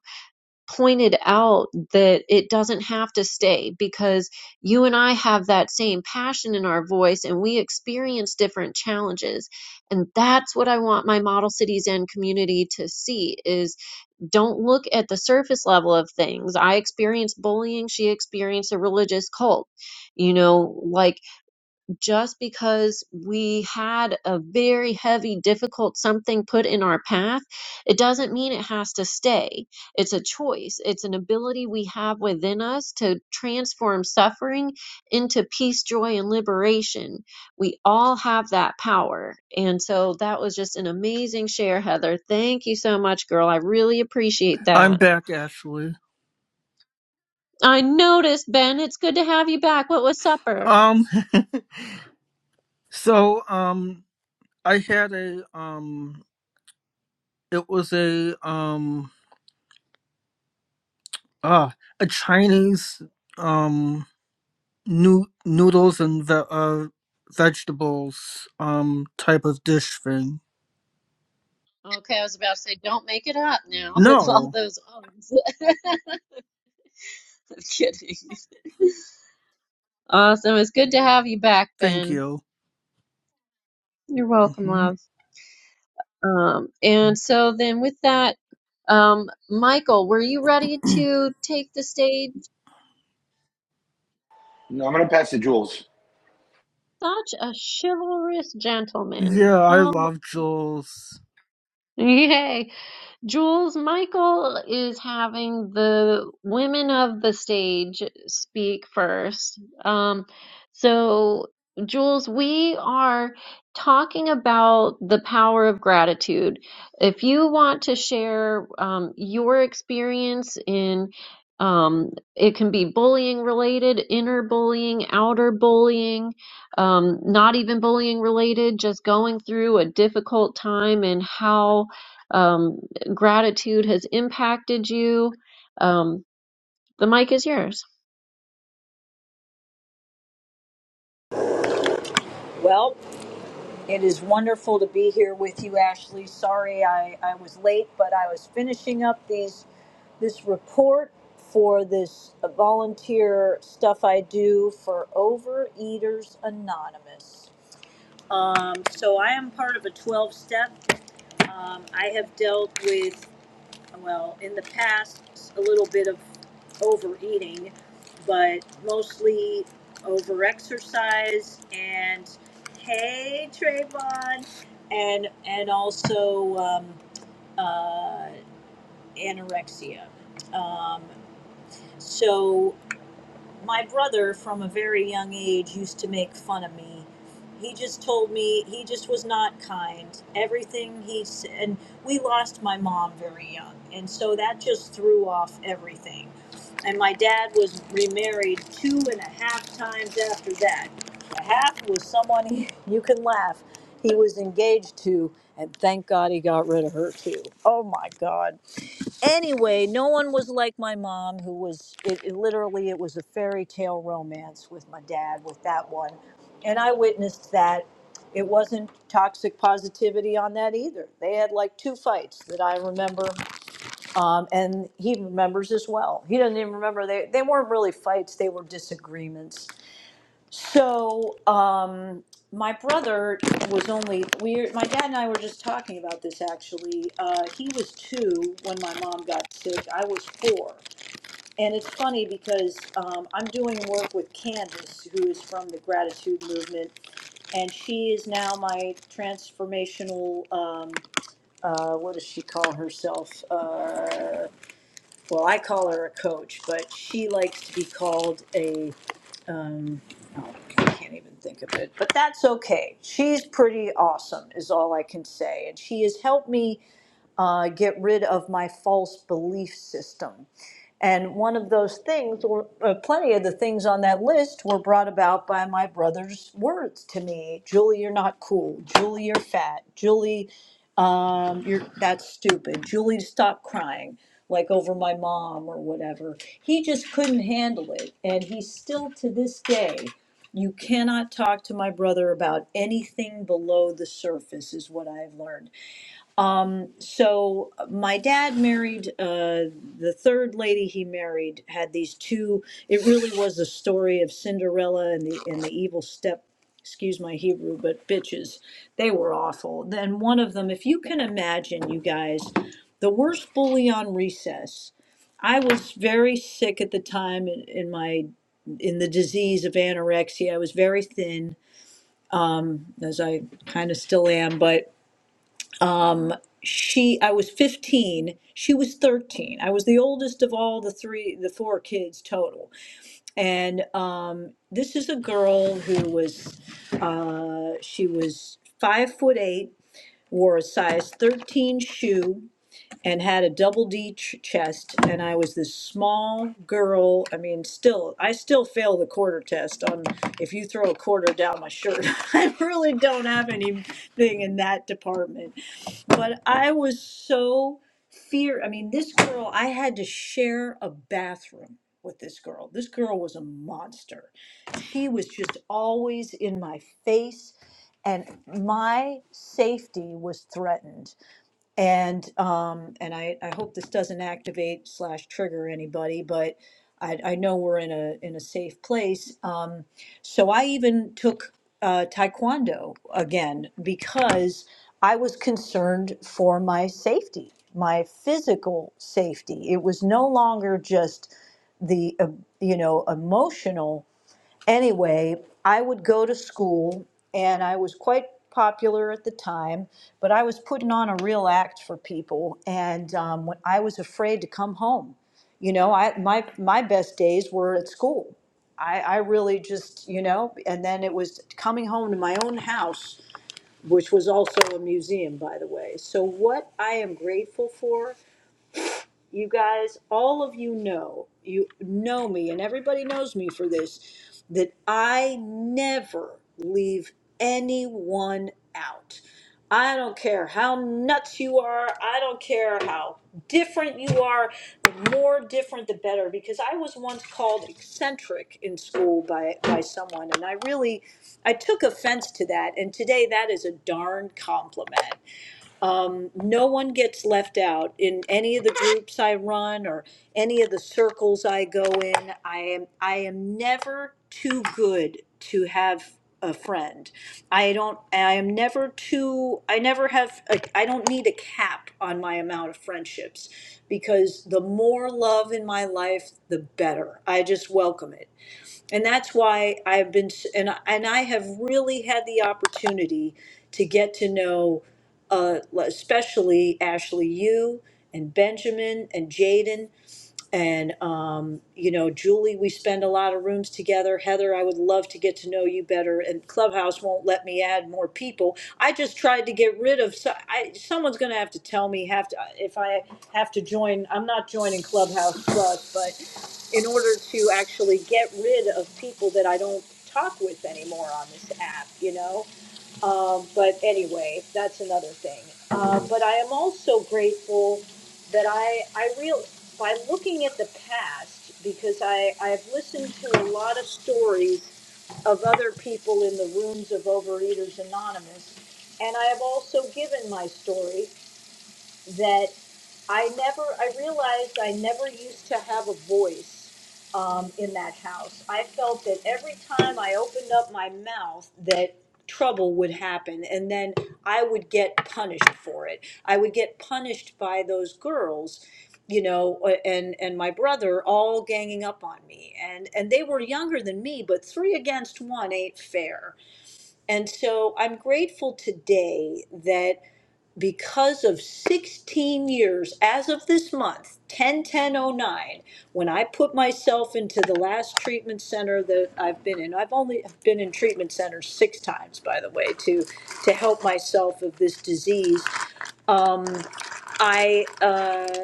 [SPEAKER 1] pointed out that it doesn't have to stay because you and I have that same passion in our voice and we experience different challenges. And that's what I want my model cities and community to see is don't look at the surface level of things. I experienced bullying. She experienced a religious cult. You know, like just because we had a very heavy, difficult something put in our path, it doesn't mean it has to stay. It's a choice, it's an ability we have within us to transform suffering into peace, joy, and liberation. We all have that power. And so that was just an amazing share, Heather. Thank you so much, girl. I really appreciate
[SPEAKER 3] I'm
[SPEAKER 1] that.
[SPEAKER 3] back, Ashley.
[SPEAKER 1] I noticed, Ben, it's good to have you back. What was supper?
[SPEAKER 3] Um, so um, I had a um, it was a um, ah, a Chinese um, new noodles and ve- uh, vegetables um type of dish thing.
[SPEAKER 1] Okay, I was about to say, don't make it up now with all
[SPEAKER 3] No,
[SPEAKER 1] those ums. I'm kidding. Awesome. It's good to have you back,
[SPEAKER 3] thank
[SPEAKER 1] Ben.
[SPEAKER 3] you.
[SPEAKER 1] You're welcome,
[SPEAKER 3] hmm
[SPEAKER 1] love. Um, and so then with that, um, Michael, were you ready to take the stage?
[SPEAKER 2] No, I'm gonna pass to Jules.
[SPEAKER 1] Such a chivalrous gentleman.
[SPEAKER 3] Yeah, I
[SPEAKER 1] Oh,
[SPEAKER 3] love Jules.
[SPEAKER 1] yay. Jules Michael is having the women of the stage speak first. Um, so, Jules, we are talking about the power of gratitude. If you want to share um, your experience in um, it can be bullying related, inner bullying, outer bullying, um, not even bullying related, just going through a difficult time and how um, gratitude has impacted you. Um, the mic is yours.
[SPEAKER 7] Well, it is wonderful to be here with you, Ashley. Sorry I, I was late, but I was finishing up these this report for this uh, volunteer stuff I do for Overeaters Anonymous. Um, so I am part of a 12 step. Um, I have dealt with well, in the past, a little bit of overeating, but mostly overexercise and hey Trayvon, and and also um, uh, anorexia. Um, so my brother from a very young age used to make fun of me he just told me he just was not kind everything he said, and we lost my mom very young and so that just threw off everything and my dad was remarried two and a half times after that a half was someone he, you can laugh he was engaged to and thank god he got rid of her too oh my god anyway, no one was like my mom, who was it, it literally it was a fairy tale romance with my dad with that one, and I witnessed that. It wasn't toxic positivity on that either. They had like two fights that I remember, um, and he remembers as well. He doesn't even remember they they weren't really fights; they were disagreements. So, um, my brother was only we. My dad and I were just talking about this actually. Uh, he was two when my mom got sick. I was four, and it's funny because um, I'm doing work with Candace, who is from the gratitude movement, and she is now my transformational. Um, uh, what does she call herself? Uh, well, I call her a coach, but she likes to be called a, um, oh, I can't even think of it, but that's okay. She's pretty awesome, is all I can say. And she has helped me uh, get rid of my false belief system. And one of those things, or uh, plenty of the things on that list, were brought about by my brother's words to me. Julie, you're not cool. Julie, you're fat. Julie, um, you're that's stupid. Julie, stop crying, like over my mom or whatever. He just couldn't handle it, and he still to this day. You cannot talk to my brother about anything below the surface, is what I've learned. Um, so my dad married uh, the third lady he married had these two. It really was the story of Cinderella and the and the evil step. Excuse my Hebrew, but bitches, they were awful. Then one of them, if you can imagine, you guys, the worst bully on recess. I was very sick at the time in, in my in the disease of anorexia. I was very thin, um, as I kind of still am, but um, she i was 15 she was 13 i was the oldest of all the three the four kids total and um, this is a girl who was uh, she was five foot eight wore a size 13 shoe and had a double D ch- chest, and I was this small girl. I mean, still, I still fail the quarter test on if you throw a quarter down my shirt. I really don't have anything in that department. But I was so fear. I mean, this girl, I had to share a bathroom with this girl. This girl was a monster. She was just always in my face, and my safety was threatened and um, and I, I hope this doesn't activate slash trigger anybody, but I, I know we're in a in a safe place. Um, so I even took uh, taekwondo again because I was concerned for my safety, my physical safety. It was no longer just the uh, you know emotional anyway, I would go to school and I was quite popular at the time, but I was putting on a real act for people. And um, when I was afraid to come home, you know, I, my, my best days were at school. I, I really just, you know, and then it was coming home to my own house, which was also a museum, by the way. So, what I am grateful for you guys, all of you know, you know me, and everybody knows me for this, that I never leave anyone out. I don't care how nuts you are. I don't care how different you are. The more different, the better. Because I was once called eccentric in school by, by someone, and I really, I took offense to that. And today, that is a darn compliment um, no one gets left out in any of the groups I run or any of the circles I go in. I am I am never too good to have a friend. I don't I am never too I never have I I don't need a cap on my amount of friendships because the more love in my life the better. I just welcome it and that's why I've been and I- and I have really had the opportunity to get to know, uh, especially Ashley, you and Benjamin and Jaden and um, you know julie we spend a lot of rooms together heather i would love to get to know you better and clubhouse won't let me add more people i just tried to get rid of so I, someone's going to have to tell me have to if i have to join i'm not joining clubhouse plus but in order to actually get rid of people that i don't talk with anymore on this app you know um, but anyway, that's another thing. Uh, but I am also grateful that I, I real by looking at the past, because I, I've listened to a lot of stories of other people in the rooms of Overeaters Anonymous, and I have also given my story that I never, I realized I never used to have a voice um, in that house. I felt that every time I opened up my mouth, that trouble would happen and then I would get punished for it. I would get punished by those girls you know uh, and and my brother all ganging up on me and and they were younger than me but 3 against 1 ain't fair and so I'm grateful today that because of 16 years as of this month 101009 when i put myself into the last treatment center that i've been in i've only been in treatment centers six times by the way to to help myself of this disease um, i uh,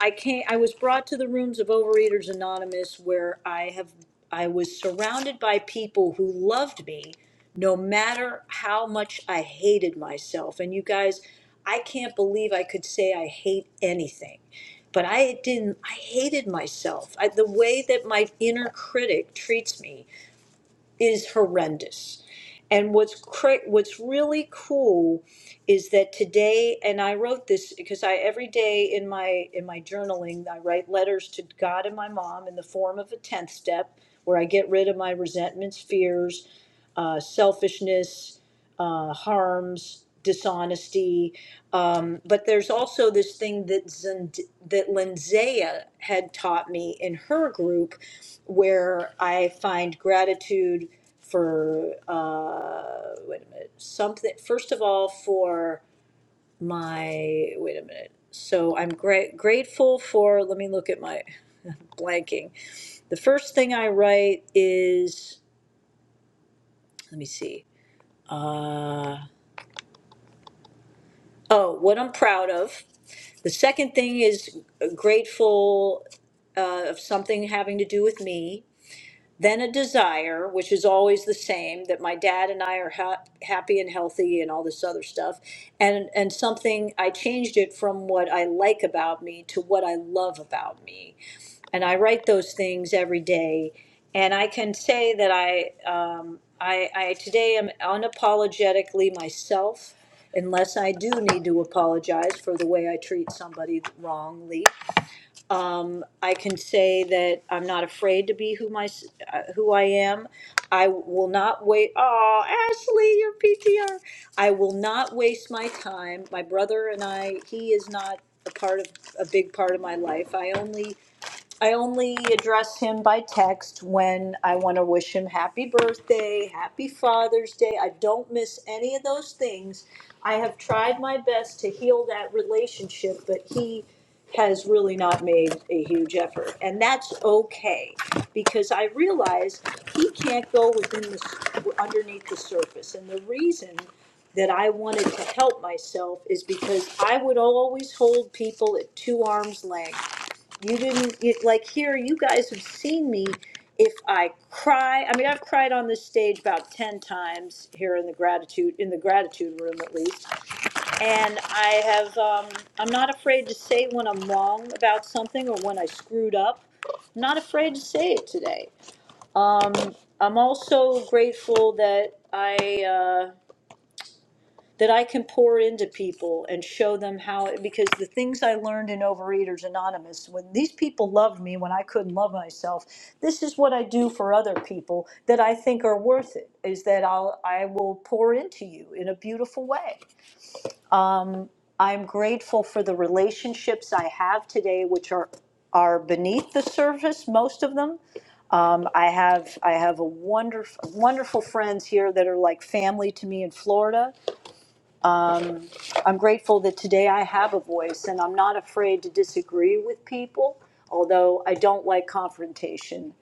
[SPEAKER 7] I came, I was brought to the rooms of Overeaters Anonymous where I have, I was surrounded by people who loved me no matter how much I hated myself. And you guys, I can't believe I could say I hate anything. But I didn't, I hated myself. I, the way that my inner critic treats me is horrendous. And what's cra- what's really cool is that today, and I wrote this because I every day in my in my journaling I write letters to God and my mom in the form of a tenth step, where I get rid of my resentments, fears, uh, selfishness, uh, harms, dishonesty. Um, but there's also this thing that Zend- that Lindsaya had taught me in her group, where I find gratitude for uh, wait a minute something. First of all, for my wait a minute. So I'm gra- grateful for. Let me look at my blanking. The first thing I write is let me see. Uh, oh, what I'm proud of. The second thing is grateful uh, of something having to do with me. Then a desire, which is always the same, that my dad and I are ha- happy and healthy and all this other stuff. And, and something, I changed it from what I like about me to what I love about me and I write those things every day. And I can say that I, um, I, I today am unapologetically myself, unless I do need to apologize for the way I treat somebody wrongly. Um, I can say that I'm not afraid to be who my, uh, who I am. I will not wait. Oh, Ashley, your PTR. I will not waste my time. My brother and I, he is not a part of a big part of my life. I only I only address him by text when I want to wish him happy birthday, happy Father's Day. I don't miss any of those things. I have tried my best to heal that relationship, but he has really not made a huge effort. And that's okay because I realize he can't go within the underneath the surface. And the reason that I wanted to help myself is because I would always hold people at two arms length you didn't you, like here. You guys have seen me. If I cry, I mean, I've cried on this stage about ten times here in the gratitude in the gratitude room at least, and I have. Um, I'm not afraid to say when I'm wrong about something or when I screwed up. I'm not afraid to say it today. I'm also grateful that I. uh, that I can pour into people and show them how, because the things I learned in Overeaters Anonymous, when these people loved me when I couldn't love myself, this is what I do for other people that I think are worth it, is that I'll, I will pour into you in a beautiful way. I'm grateful for the relationships I have today, which are are beneath the surface, most of them. Um, I have I have a wonderful wonderful friends here that are like family to me in Florida. I'm grateful that today I have a voice and I'm not afraid to disagree with people, although I don't like confrontation.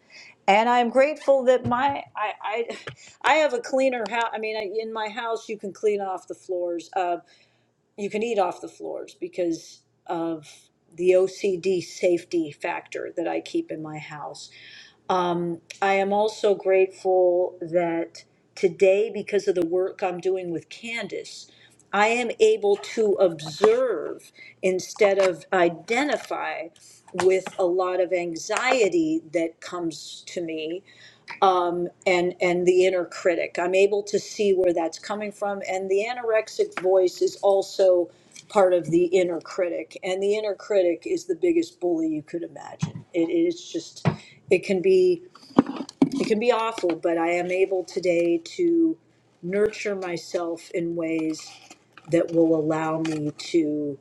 [SPEAKER 7] And I'm grateful that my I I, I have a cleaner house. I mean, I, in my house you can clean off the floors. Uh, you can eat off the floors because of the OCD safety factor that I keep in my house. Um, I am also grateful that today, because of the work I'm doing with Candace, I am able to observe instead of identify with a lot of anxiety that comes to me um, and and the inner critic. I'm able to see where that's coming from, and the anorexic voice is also part of the inner critic, and the inner critic is the biggest bully you could imagine. It is just it can be it can be awful, but I am able today to nurture myself in ways that will allow me to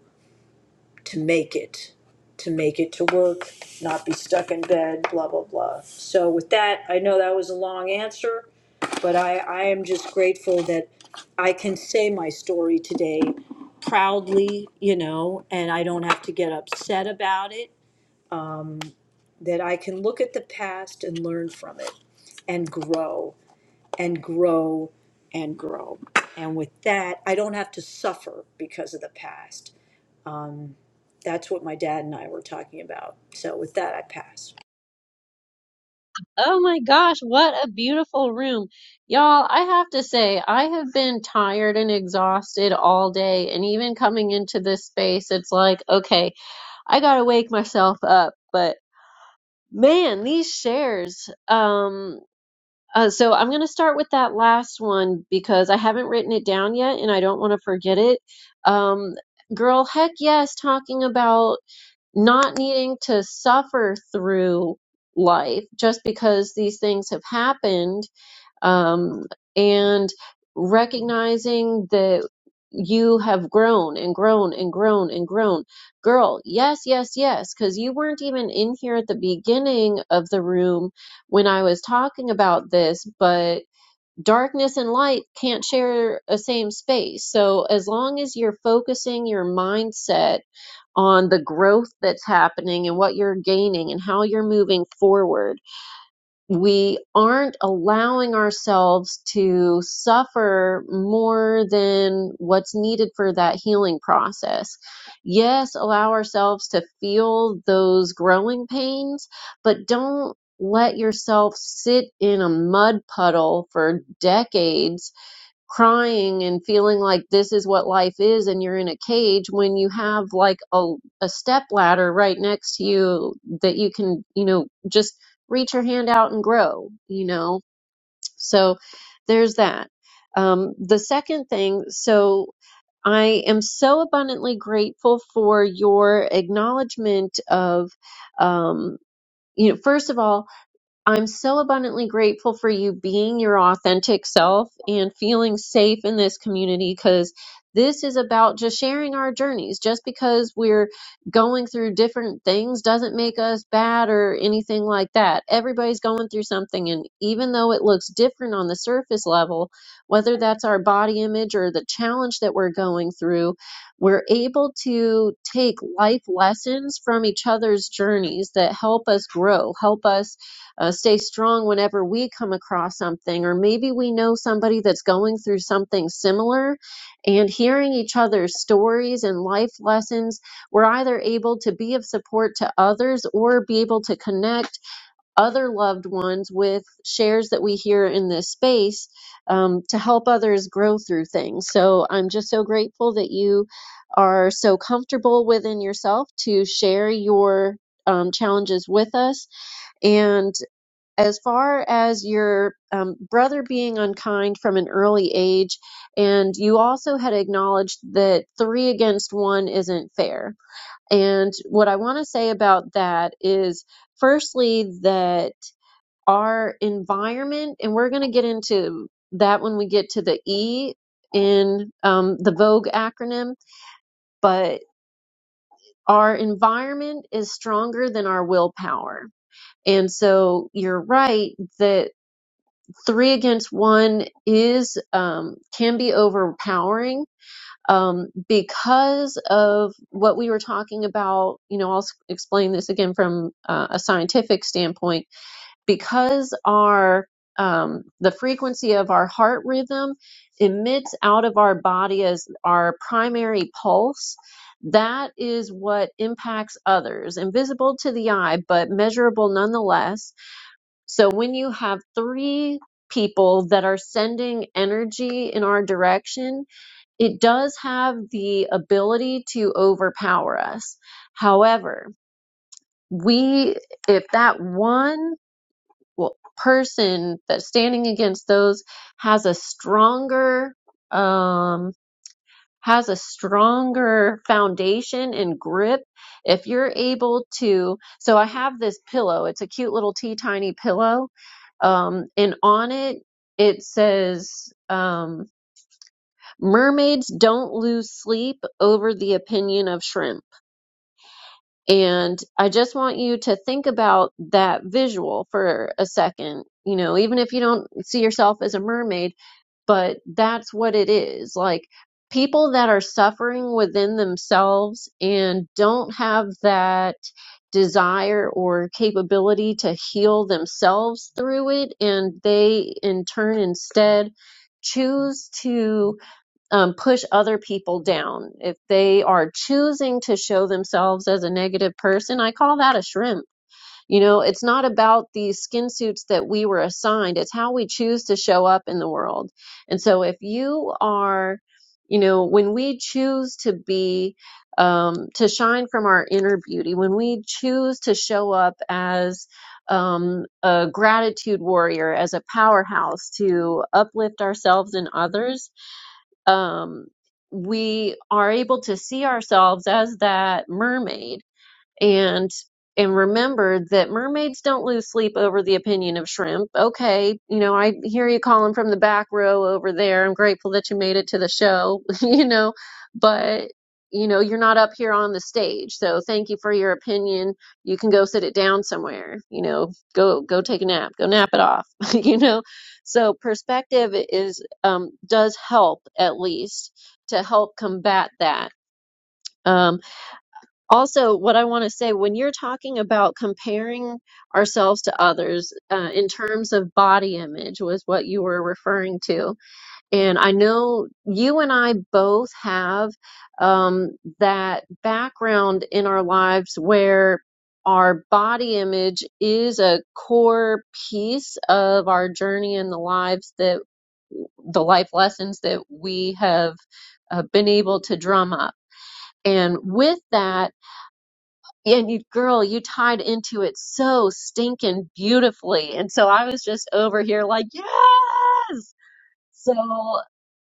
[SPEAKER 7] to make it, to make it to work, not be stuck in bed, blah blah blah. So with that, I know that was a long answer, but I, I am just grateful that I can say my story today proudly, you know, and I don't have to get upset about it um, that I can look at the past and learn from it and grow and grow and grow. And with that, I don't have to suffer because of the past. Um, that's what my dad and I were talking about. So with that, I pass.
[SPEAKER 1] Oh my gosh, what a beautiful room. Y'all, I have to say, I have been tired and exhausted all day, and even coming into this space, it's like, okay, I gotta wake myself up. But man, these shares. Um, uh, so I'm gonna start with that last one because I haven't written it down yet, and I don't want to forget it. Um, girl, heck yes, talking about not needing to suffer through life just because these things have happened um, and recognizing that you have grown and grown and grown and grown. Girl, yes, yes, yes, because you weren't even in here at the beginning of the room when I was talking about this, but darkness and light can't share a same space. So as long as you're focusing your mindset on the growth that's happening and what you're gaining and how you're moving forward. We aren't allowing ourselves to suffer more than what's needed for that healing process. Yes, allow ourselves to feel those growing pains, but don't let yourself sit in a mud puddle for decades crying and feeling like this is what life is and you're in a cage when you have like a, a step ladder right next to you that you can, you know, just reach your hand out and grow, you know? So there's that. Um, the second thing, so I am so abundantly grateful for your acknowledgement of, um, you know, first of all, I'm so abundantly grateful for you being your authentic self and feeling safe in this community because this is about just sharing our journeys. Just because we're going through different things doesn't make us bad or anything like that. Everybody's going through something, and even though it looks different on the surface level, whether that's our body image or the challenge that we're going through, we're able to take life lessons from each other's journeys that help us grow, help us uh, stay strong whenever we come across something, or maybe we know somebody that's going through something similar, and hearing each other's stories and life lessons, we're either able to be of support to others or be able to connect other loved ones with shares that we hear in this space um, to help others grow through things. So I'm just so grateful that you are so comfortable within yourself to share your. Um, challenges with us. And as far as your um, brother being unkind from an early age, and you also had acknowledged that three against one isn't fair. And what I want to say about that is, firstly, that our environment, and we're going to get into that when we get to the E in um, the Vogue acronym, but our environment is stronger than our willpower. And so you're right that three against one is um, can be overpowering um, because of what we were talking about. You know, I'll s- explain this again from uh, a scientific standpoint because our um, the frequency of our heart rhythm emits out of our body as our primary pulse. That is what impacts others, invisible to the eye, but measurable nonetheless so when you have three people that are sending energy in our direction, it does have the ability to overpower us. However, we, if that one well, person that's standing against those has a stronger, um, has a stronger foundation and grip if you're able to so i have this pillow it's a cute little tea tiny pillow um, and on it it says um, mermaids don't lose sleep over the opinion of shrimp and i just want you to think about that visual for a second you know even if you don't see yourself as a mermaid but that's what it is. Like people that are suffering within themselves and don't have that desire or capability to heal themselves through it, and they in turn instead choose to um, push other people down. If they are choosing to show themselves as a negative person, I call that a shrimp you know, it's not about these skin suits that we were assigned, it's how we choose to show up in the world. And so if you are, you know, when we choose to be, um, to shine from our inner beauty, when we choose to show up as um, a gratitude warrior, as a powerhouse to uplift ourselves and others, um, we are able to see ourselves as that mermaid and and remember that mermaids don't lose sleep over the opinion of shrimp. Okay, you know, I hear you calling from the back row over there. I'm grateful that you made it to the show, you know, but you know, you're not up here on the stage. So thank you for your opinion. You can go sit it down somewhere, you know, go go take a nap, go nap it off, you know. So perspective is um does help at least to help combat that Um also, what I want to say when you're talking about comparing ourselves to others uh, in terms of body image was what you were referring to. And I know you and I both have um, that background in our lives where our body image is a core piece of our journey and the lives that the life lessons that we have uh, been able to drum up. And with that, and you girl you tied into it so stinking beautifully and so i was just over here like yes so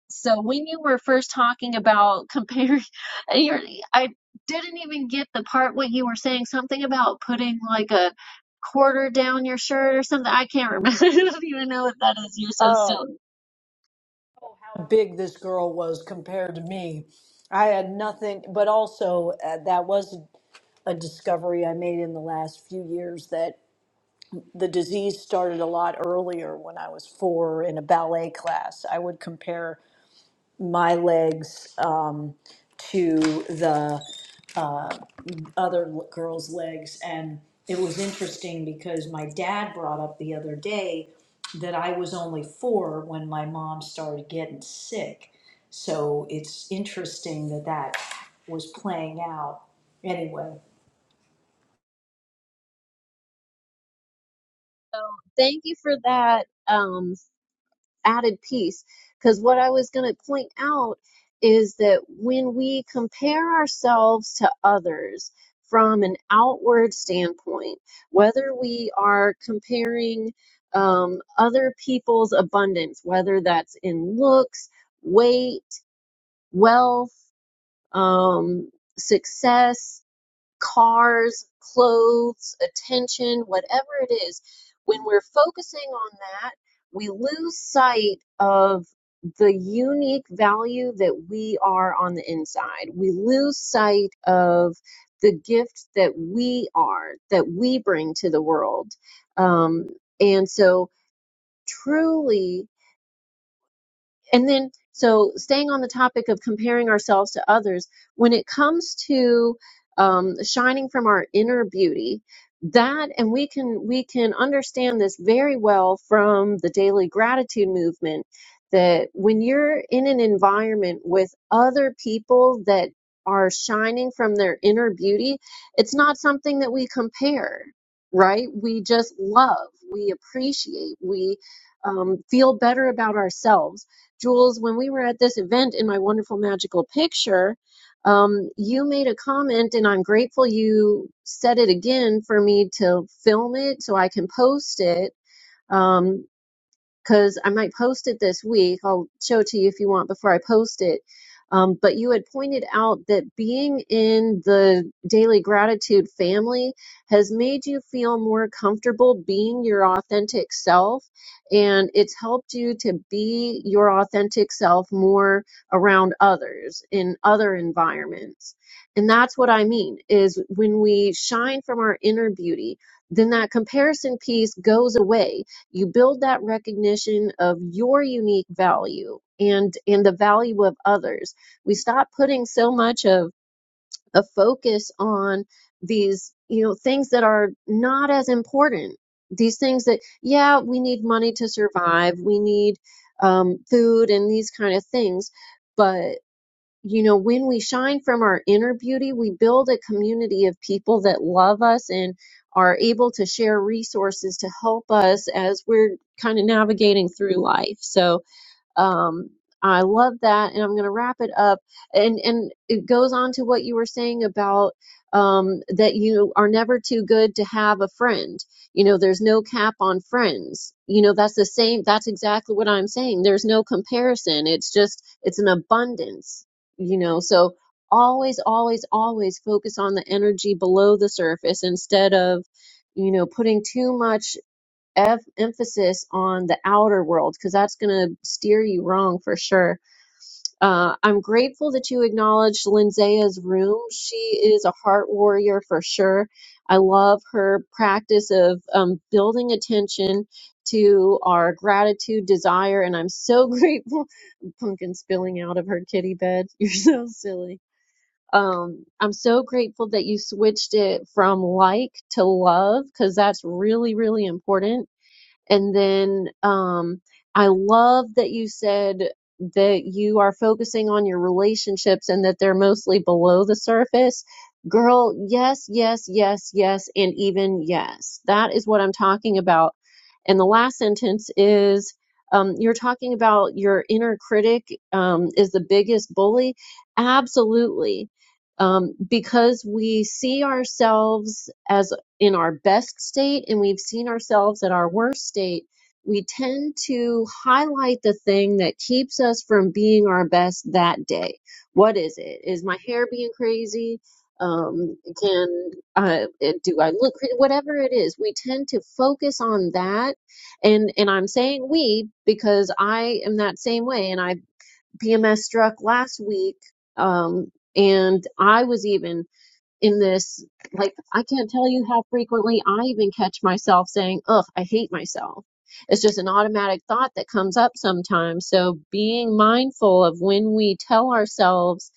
[SPEAKER 1] so when you were first talking about comparing and you're, i didn't even get the part what you were saying something about putting like a quarter down your shirt or something i can't remember i don't even know what that is you're so silly
[SPEAKER 7] how big this girl was compared to me. I had nothing, but also uh, that was a discovery I made in the last few years that the disease started a lot earlier when I was four in a ballet class. I would compare my legs um, to the uh, other girl's legs. And it was interesting because my dad brought up the other day that I was only four when my mom started getting sick. So it's interesting that that was playing out. Anyway,
[SPEAKER 1] thank you for that um added piece because what I was going to point out is that when we compare ourselves to others from an outward standpoint, whether we are comparing um, other people's abundance, whether that's in looks, weight, wealth, um, success, cars, clothes, attention, whatever it is, when we're focusing on that, we lose sight of the unique value that we are on the inside. We lose sight of the gift that we are, that we bring to the world. Um, and so, truly, and then so staying on the topic of comparing ourselves to others when it comes to um, shining from our inner beauty that and we can we can understand this very well from the daily gratitude movement that when you're in an environment with other people that are shining from their inner beauty it's not something that we compare right we just love we appreciate we um, feel better about ourselves Jules, when we were at this event in my wonderful magical picture, um, you made a comment, and I'm grateful you said it again for me to film it so I can post it. Um, because I might post it this week. I'll show it to you if you want before I post it. Um, but you had pointed out that being in the daily gratitude family has made you feel more comfortable being your authentic self. And it's helped you to be your authentic self more around others in other environments. And that's what I mean is when we shine from our inner beauty, then that comparison piece goes away you build that recognition of your unique value and and the value of others we stop putting so much of a focus on these you know things that are not as important these things that yeah we need money to survive we need um, food and these kind of things but you know, when we shine from our inner beauty, we build a community of people that love us and are able to share resources to help us as we're kind of navigating through life. So, um, I love that, and I'm going to wrap it up. And and it goes on to what you were saying about um, that you are never too good to have a friend. You know, there's no cap on friends. You know, that's the same. That's exactly what I'm saying. There's no comparison. It's just it's an abundance. You know, so always, always, always focus on the energy below the surface instead of you know putting too much ev- emphasis on the outer world because that's going to steer you wrong for sure. Uh, I'm grateful that you acknowledged Linzea's room. She is a heart warrior for sure. I love her practice of um, building attention to our gratitude, desire, and I'm so grateful. Pumpkin spilling out of her kitty bed. You're so silly. Um, I'm so grateful that you switched it from like to love because that's really, really important and then um, I love that you said that you are focusing on your relationships and that they're mostly below the surface. Girl, yes, yes, yes, yes, and even yes. That is what I'm talking about. And the last sentence is um, you're talking about your inner critic um, is the biggest bully. Absolutely. Um, because we see ourselves as in our best state and we've seen ourselves at our worst state, we tend to highlight the thing that keeps us from being our best that day. What is it? Is my hair being crazy? Um, can I, eh, do I look crazy? Whatever it is, we tend to focus on that. And, and I'm saying we because I am that same way. And I PMS struck last week. Um, and I was even in this like i can't tell you how frequently i even catch myself saying ugh i hate myself it's just an automatic thought that comes up sometimes so being mindful of when we tell ourselves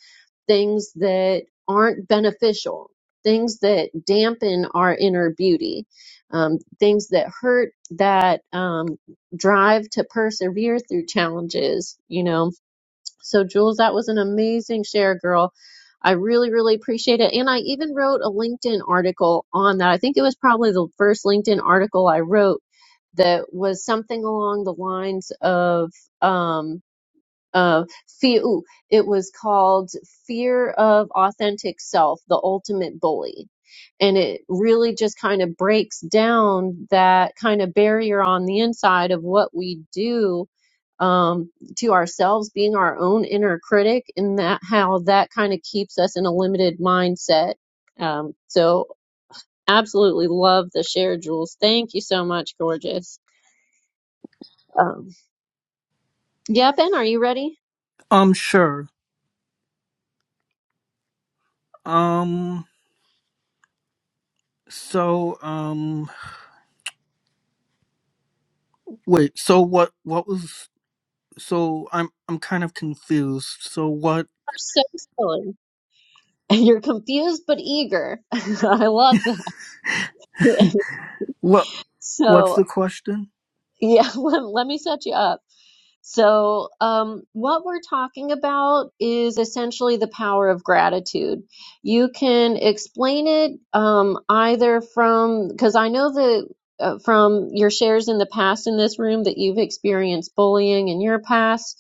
[SPEAKER 1] things that aren't beneficial things that dampen our inner beauty um, things that hurt that um, drive to persevere through challenges you know so, Jules, that was an amazing share, girl. I really, really appreciate it. And I even wrote a LinkedIn article on that. I think it was probably the first LinkedIn article I wrote that was something along the lines of, um, uh, fear. Ooh, it was called Fear of Authentic Self, The Ultimate Bully. And it really just kind of breaks down that kind of barrier on the inside of what we do um, to ourselves, being our own inner critic, and that how that kind of keeps us in a limited mindset. Um, so, absolutely love the share, Jules. Thank you so much, gorgeous. Um, yeah, Ben, are you ready?
[SPEAKER 3] Um, sure. Um, so um, wait. So what? What was so I'm I'm kind of confused. So what
[SPEAKER 1] are so silly. You're confused but eager. I love that.
[SPEAKER 3] what what's
[SPEAKER 1] So,
[SPEAKER 3] the question?
[SPEAKER 1] yeah, let, let me set you up. So, um, what we're talking about is essentially the power of gratitude. You can explain it um, either from, because I know that uh, from your shares in the past in this room that you've experienced bullying in your past.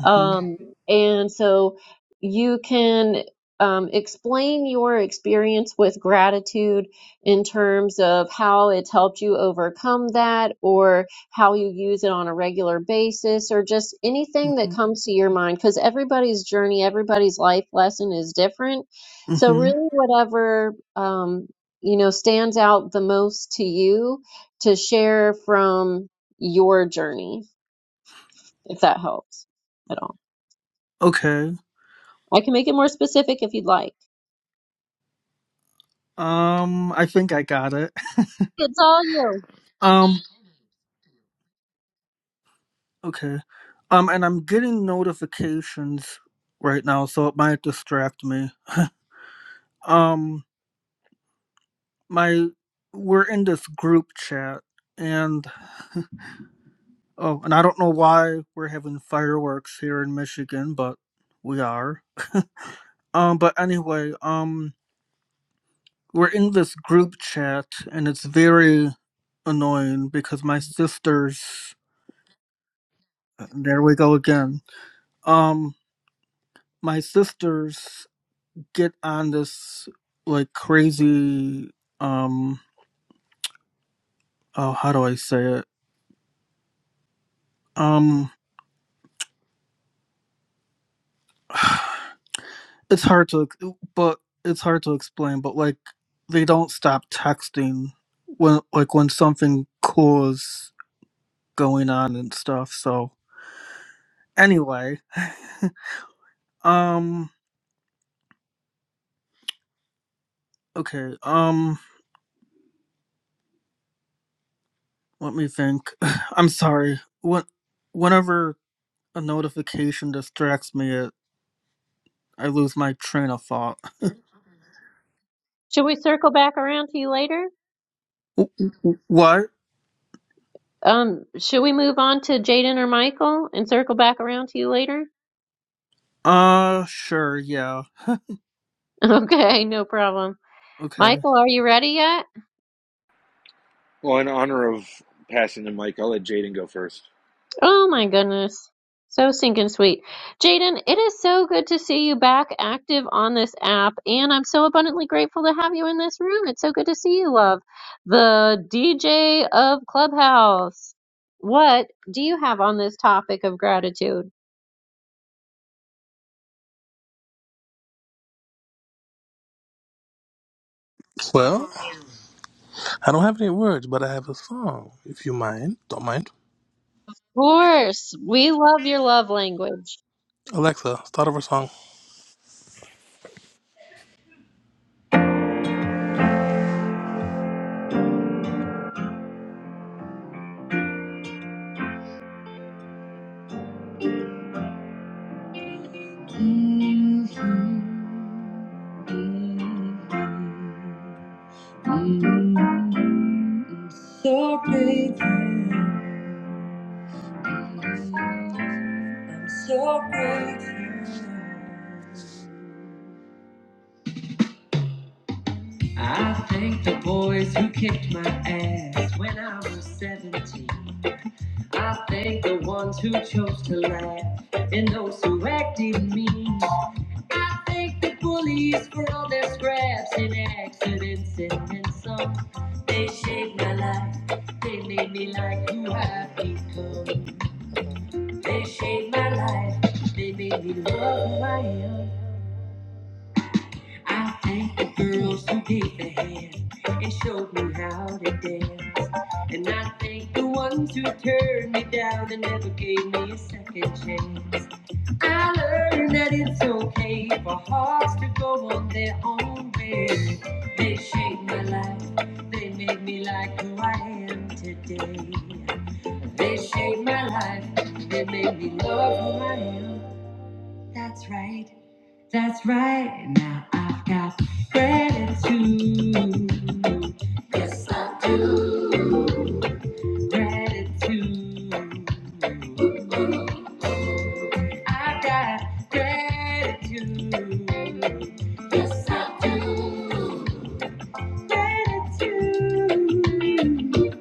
[SPEAKER 3] Mhm.
[SPEAKER 1] Um, and so you can um, explain your experience with gratitude in terms of how it's helped you overcome that or how you use it on a regular basis or just anything that
[SPEAKER 3] Mhm.
[SPEAKER 1] comes to your mind because everybody's journey, everybody's life lesson is different. So,
[SPEAKER 3] Mhm.
[SPEAKER 1] really, whatever, um, you know, stands out the most to you to share from your journey, if that helps at all.
[SPEAKER 3] Okay.
[SPEAKER 1] I can make it more specific if you'd like.
[SPEAKER 3] Um I think I got it.
[SPEAKER 1] It's all you.
[SPEAKER 3] um okay. Um and I'm getting notifications right now so it might distract me. Um my we're in this group chat and oh and I don't know why we're having fireworks here in Michigan but we are. Um but anyway, um we're in this group chat and it's very annoying because my sisters uh, there we go again um my sisters get on this like crazy um oh how do i say it um it's hard to but it's hard to explain but like they don't stop texting when like when something cool is going on and stuff so anyway um Okay. Um, let me think. I'm sorry. When, whenever a notification distracts me, it, I lose my train of thought.
[SPEAKER 1] Should we circle back around to you later?
[SPEAKER 3] W- w- What?
[SPEAKER 1] Um, should we move on to Jaden or Michael and circle back around to you later?
[SPEAKER 3] Uh, sure. Yeah.
[SPEAKER 1] Okay, no problem.
[SPEAKER 3] Okay.
[SPEAKER 1] Michael, are you ready yet?
[SPEAKER 2] Well, in honor of passing the mic, I'll let Jaden go first.
[SPEAKER 1] Oh my goodness. So stinking sweet. Jaden, it is so good to see you back active on this app, and I'm so abundantly grateful to have you in this room. It's so good to see you, love. The DJ of Clubhouse. What do you have on this topic of gratitude?
[SPEAKER 8] Well, I don't have any words, but I have a song. If you mind, don't mind.
[SPEAKER 1] Of course, we love your love language.
[SPEAKER 8] Alexa, start over song. Mm, I'm so grateful. I'm so grateful. I thank the boys who kicked my ass when I was 17. I thank the ones who chose to laugh and those who acted mean. I thank the bullies for all their scraps and accidents and insults. They shaped my life. They made me like who I've become. They shaped my life. They made me love who I am. I thank the girls who gave the hand and showed me how to dance. And I thank the ones who turned me down and never gave me a second chance. I learned that it's okay for hearts to go on their own way. They shaped my life, they made me like who I am today. They shaped my life, they made me love who I am. That's right. That's right. Now I've got gratitude. Yes, I do. Gratitude. I've got gratitude. Yes, I do. Gratitude.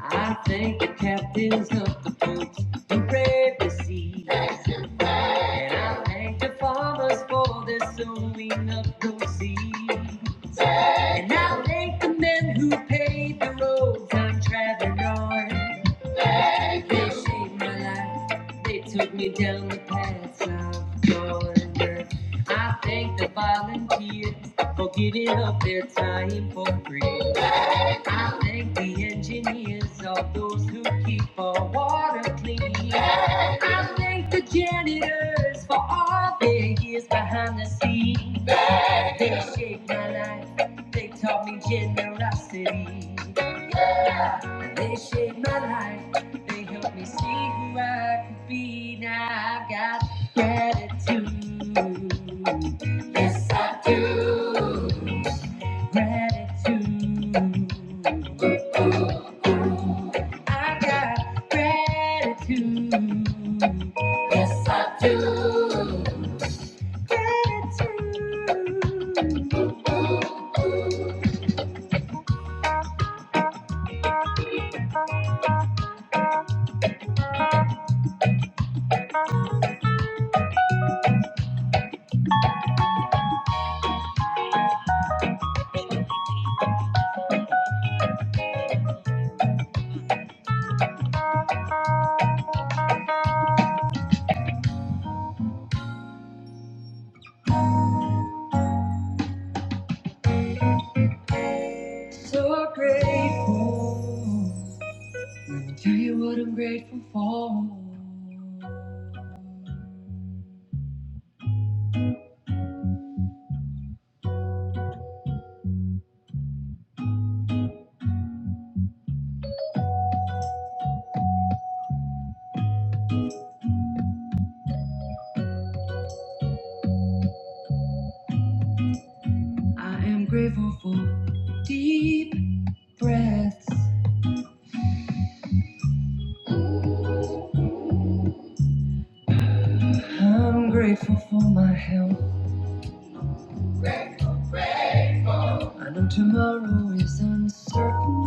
[SPEAKER 8] I thank the captains of the boats who brave the sea. And I thank the farmers for their sowing of those seeds. And I'll thank the men who paved the roads I'm traveling on. They shaped my life, they took me down the paths I've gone. I thank the volunteers for giving up their time for free. I thank the engineers, all those who keep our water clean. I thank the janitors for all their years behind the scenes. They shaped my life. They taught me generosity. Yeah. They shaped my life. They helped me see who I could be. Now I've got gratitude. Yes, I do. Gratitude. I got gratitude. Yes, I do. Gratitude. So grateful. Let me tell you what I'm grateful for. I am grateful for deep breaths. I'm grateful for my health. I know tomorrow is uncertain,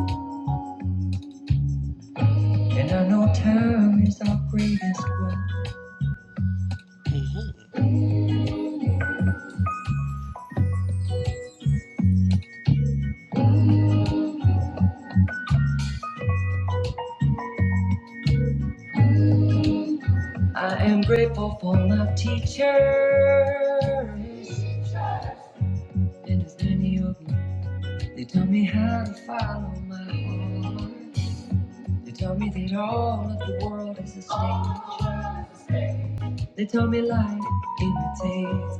[SPEAKER 8] and I know time is our greatest wealth. Mm-hmm. I am grateful for my teachers and as many of them. They taught me how to follow my heart. They tell me that all of the world is a snake. They tell me life imitates.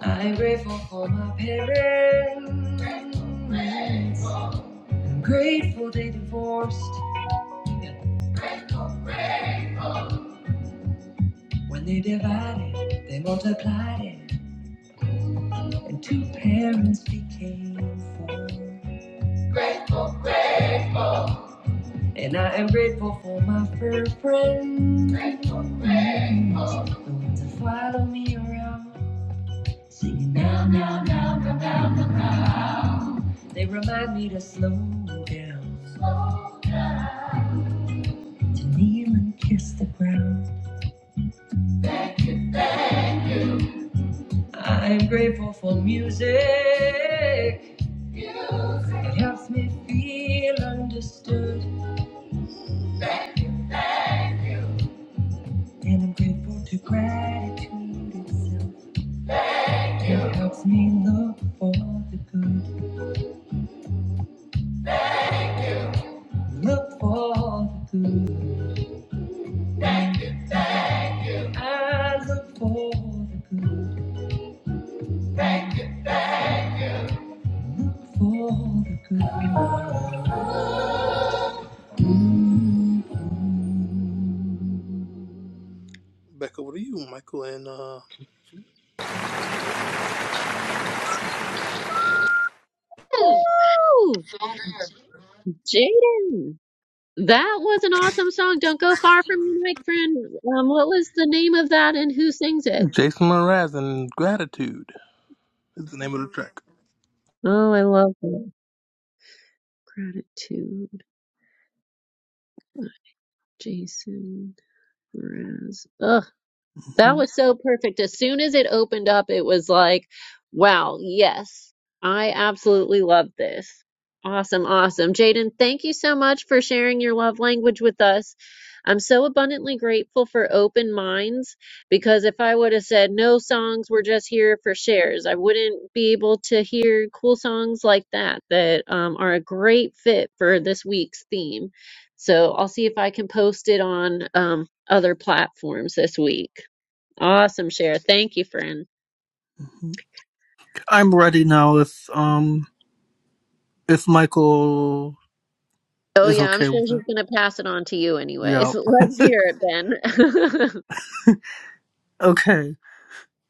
[SPEAKER 8] I'm grateful for my parents. I'm grateful they divorced. When they divided, they multiplied it. And two parents became four. And I am grateful for my fur friends. Grateful, grateful. The ones that follow me around. Singing now, now, now. They remind me to slow down, to kneel and kiss the ground. I'm grateful for music. It helps me feel understood. And I'm grateful to gratitude itself. It helps me look for the good. Look for the good. I look for the good. Look for the good. Back over to you, Michael and uh
[SPEAKER 1] Woo! Jaden, that was an awesome song. Don't go far from your mic, friend. Um, what was the name of that and who sings it?
[SPEAKER 8] Jason Mraz and Gratitude is the name of the track.
[SPEAKER 1] Oh, I love that. Gratitude by Jason Mraz. Ugh. That
[SPEAKER 3] Mhm,
[SPEAKER 1] was so perfect. As soon as it opened up, it was like, wow, yes, I absolutely love this. Awesome, awesome. Jaden, thank you so much for sharing your love language with us. I'm so abundantly grateful for open minds because if I would have said no songs, we're just here for shares, I wouldn't be able to hear cool songs like that that um, are a great fit for this week's theme. So I'll see if I can post it on um, other platforms this week. Awesome share. Thank you, friend.
[SPEAKER 3] mhm. I'm ready now. If um, if Michael
[SPEAKER 1] Oh
[SPEAKER 3] is
[SPEAKER 1] yeah, I'm
[SPEAKER 3] okay
[SPEAKER 1] sure
[SPEAKER 3] with it.
[SPEAKER 1] he's gonna pass it on to you
[SPEAKER 3] Yeah.
[SPEAKER 1] anyways. Let's hear it, Ben.
[SPEAKER 3] Okay.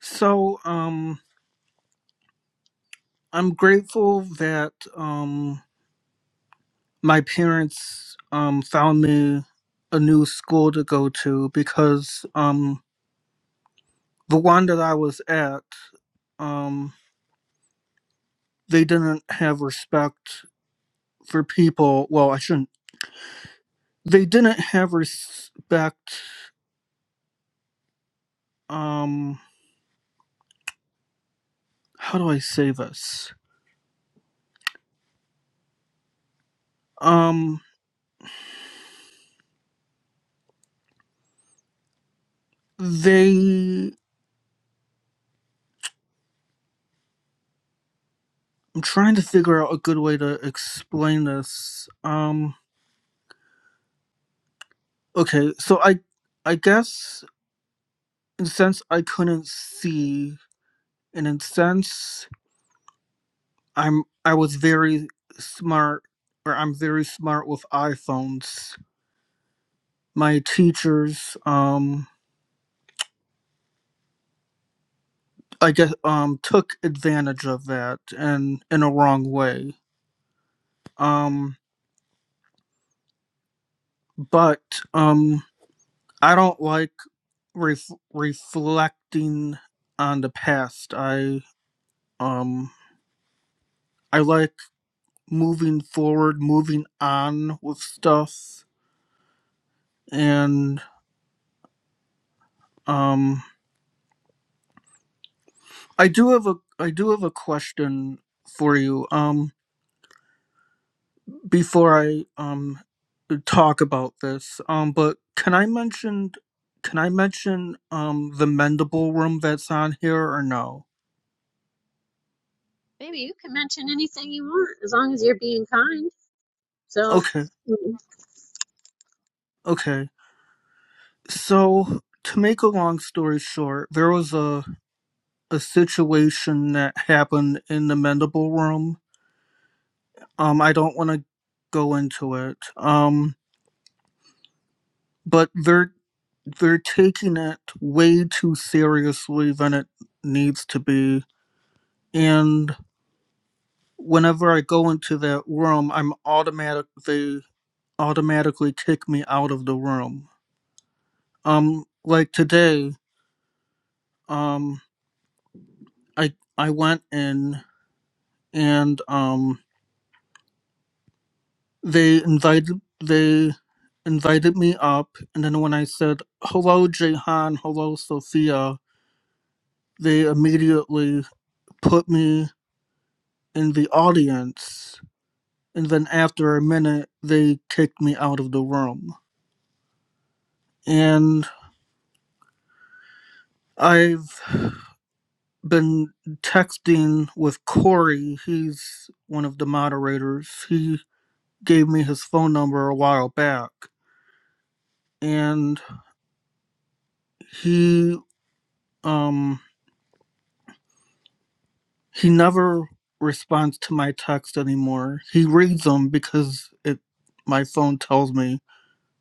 [SPEAKER 3] So um, I'm grateful that um my parents um, found me a new school to go to because um, the one that I was at, um, they didn't have respect for people. Well, I shouldn't. They didn't have respect. Um, how do I say this? Um, they. I'm trying to figure out a good way to explain this. Um, okay, so I, I guess in a sense I couldn't see, and in a sense I'm I was very smart or I'm very smart with iPhones. My teachers um I guess um took advantage of that and in a wrong way. Um but um I don't like ref- reflecting on the past. I um I like moving forward, moving on with stuff and um I do have a I do have a question for you. Um, before I um talk about this, um, but can I mention can I mention um the mendable room that's on here or no?
[SPEAKER 1] Maybe you can mention anything you want as long as you're being kind. So,
[SPEAKER 3] Okay, okay. So to make a long story short, there was a a situation that happened in the mendable room. Um, I don't want to go into it. Um, but there they're taking it way too seriously than it needs to be. And whenever I go into that room, I'm automatic they automatically kick me out of the room. Um like today, um I I went in and um they invited they invited me up and then when I said hello Jehan, hello Sophia, they immediately put me in the audience and then after a minute they kicked me out of the room and i've been texting with corey he's one of the moderators he gave me his phone number a while back and he um he never responds to my text anymore he reads them because it my phone tells me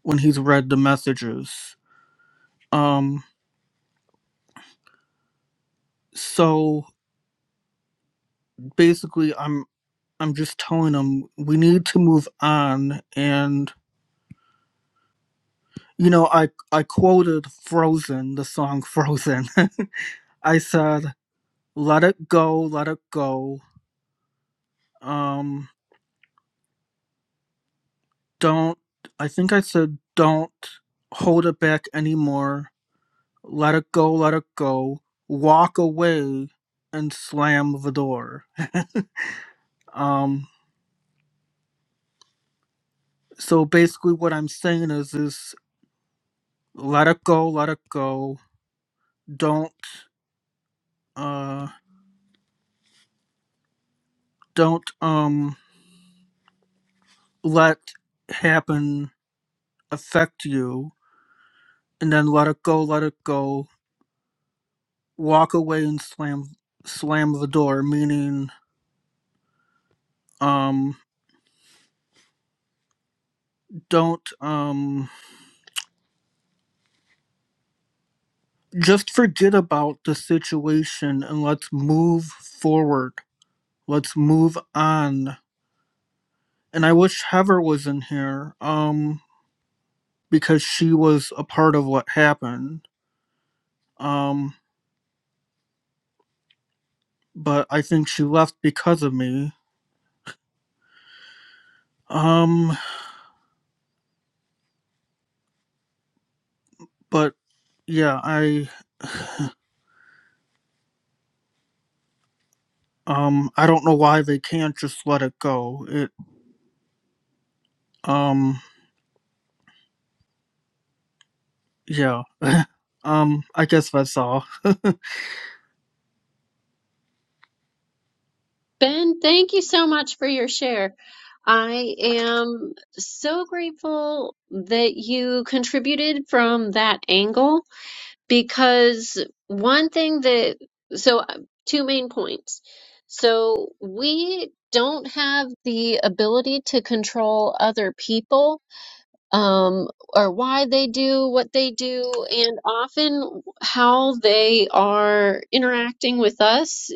[SPEAKER 3] when he's read the messages um so basically I'm. I'm just telling them we need to move on. And you know, I I quoted Frozen, the song Frozen. I said, "Let it go, let it go. Um, don't." I think I said, "Don't hold it back anymore. Let it go, let it go. Walk away and slam the door." Um. So basically, what I'm saying is, is let it go, let it go. Don't. Uh. Don't. Um let happen affect you and then let it go let it go walk away and slam slam the door meaning um don't um just forget about the situation and let's move forward let's move on and i wish heather was in here um because she was a part of what happened um but i think she left because of me um but yeah i Um, I don't know why they can't just let it go. It, um, yeah. Um, I guess that's all.
[SPEAKER 1] Ben, thank you so much for your share. I am so grateful that you contributed from that angle because one thing that so uh, two main points so we don't have the ability to control other people um, or why they do what they do and often how they are interacting with us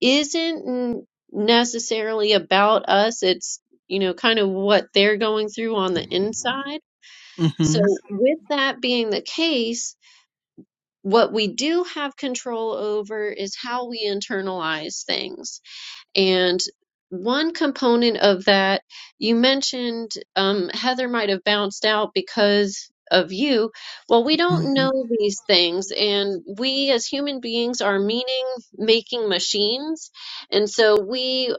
[SPEAKER 1] isn't n- necessarily about us it's you know kind of what they're going through on the inside so
[SPEAKER 3] Mm-hmm.
[SPEAKER 1] with that being the case what we do have control over is how we internalize things. And one component of that, you mentioned um, Heather might have bounced out because of you. Well, we don't
[SPEAKER 3] mm-hmm.
[SPEAKER 1] know these things. And we as human beings are meaning making machines. And so we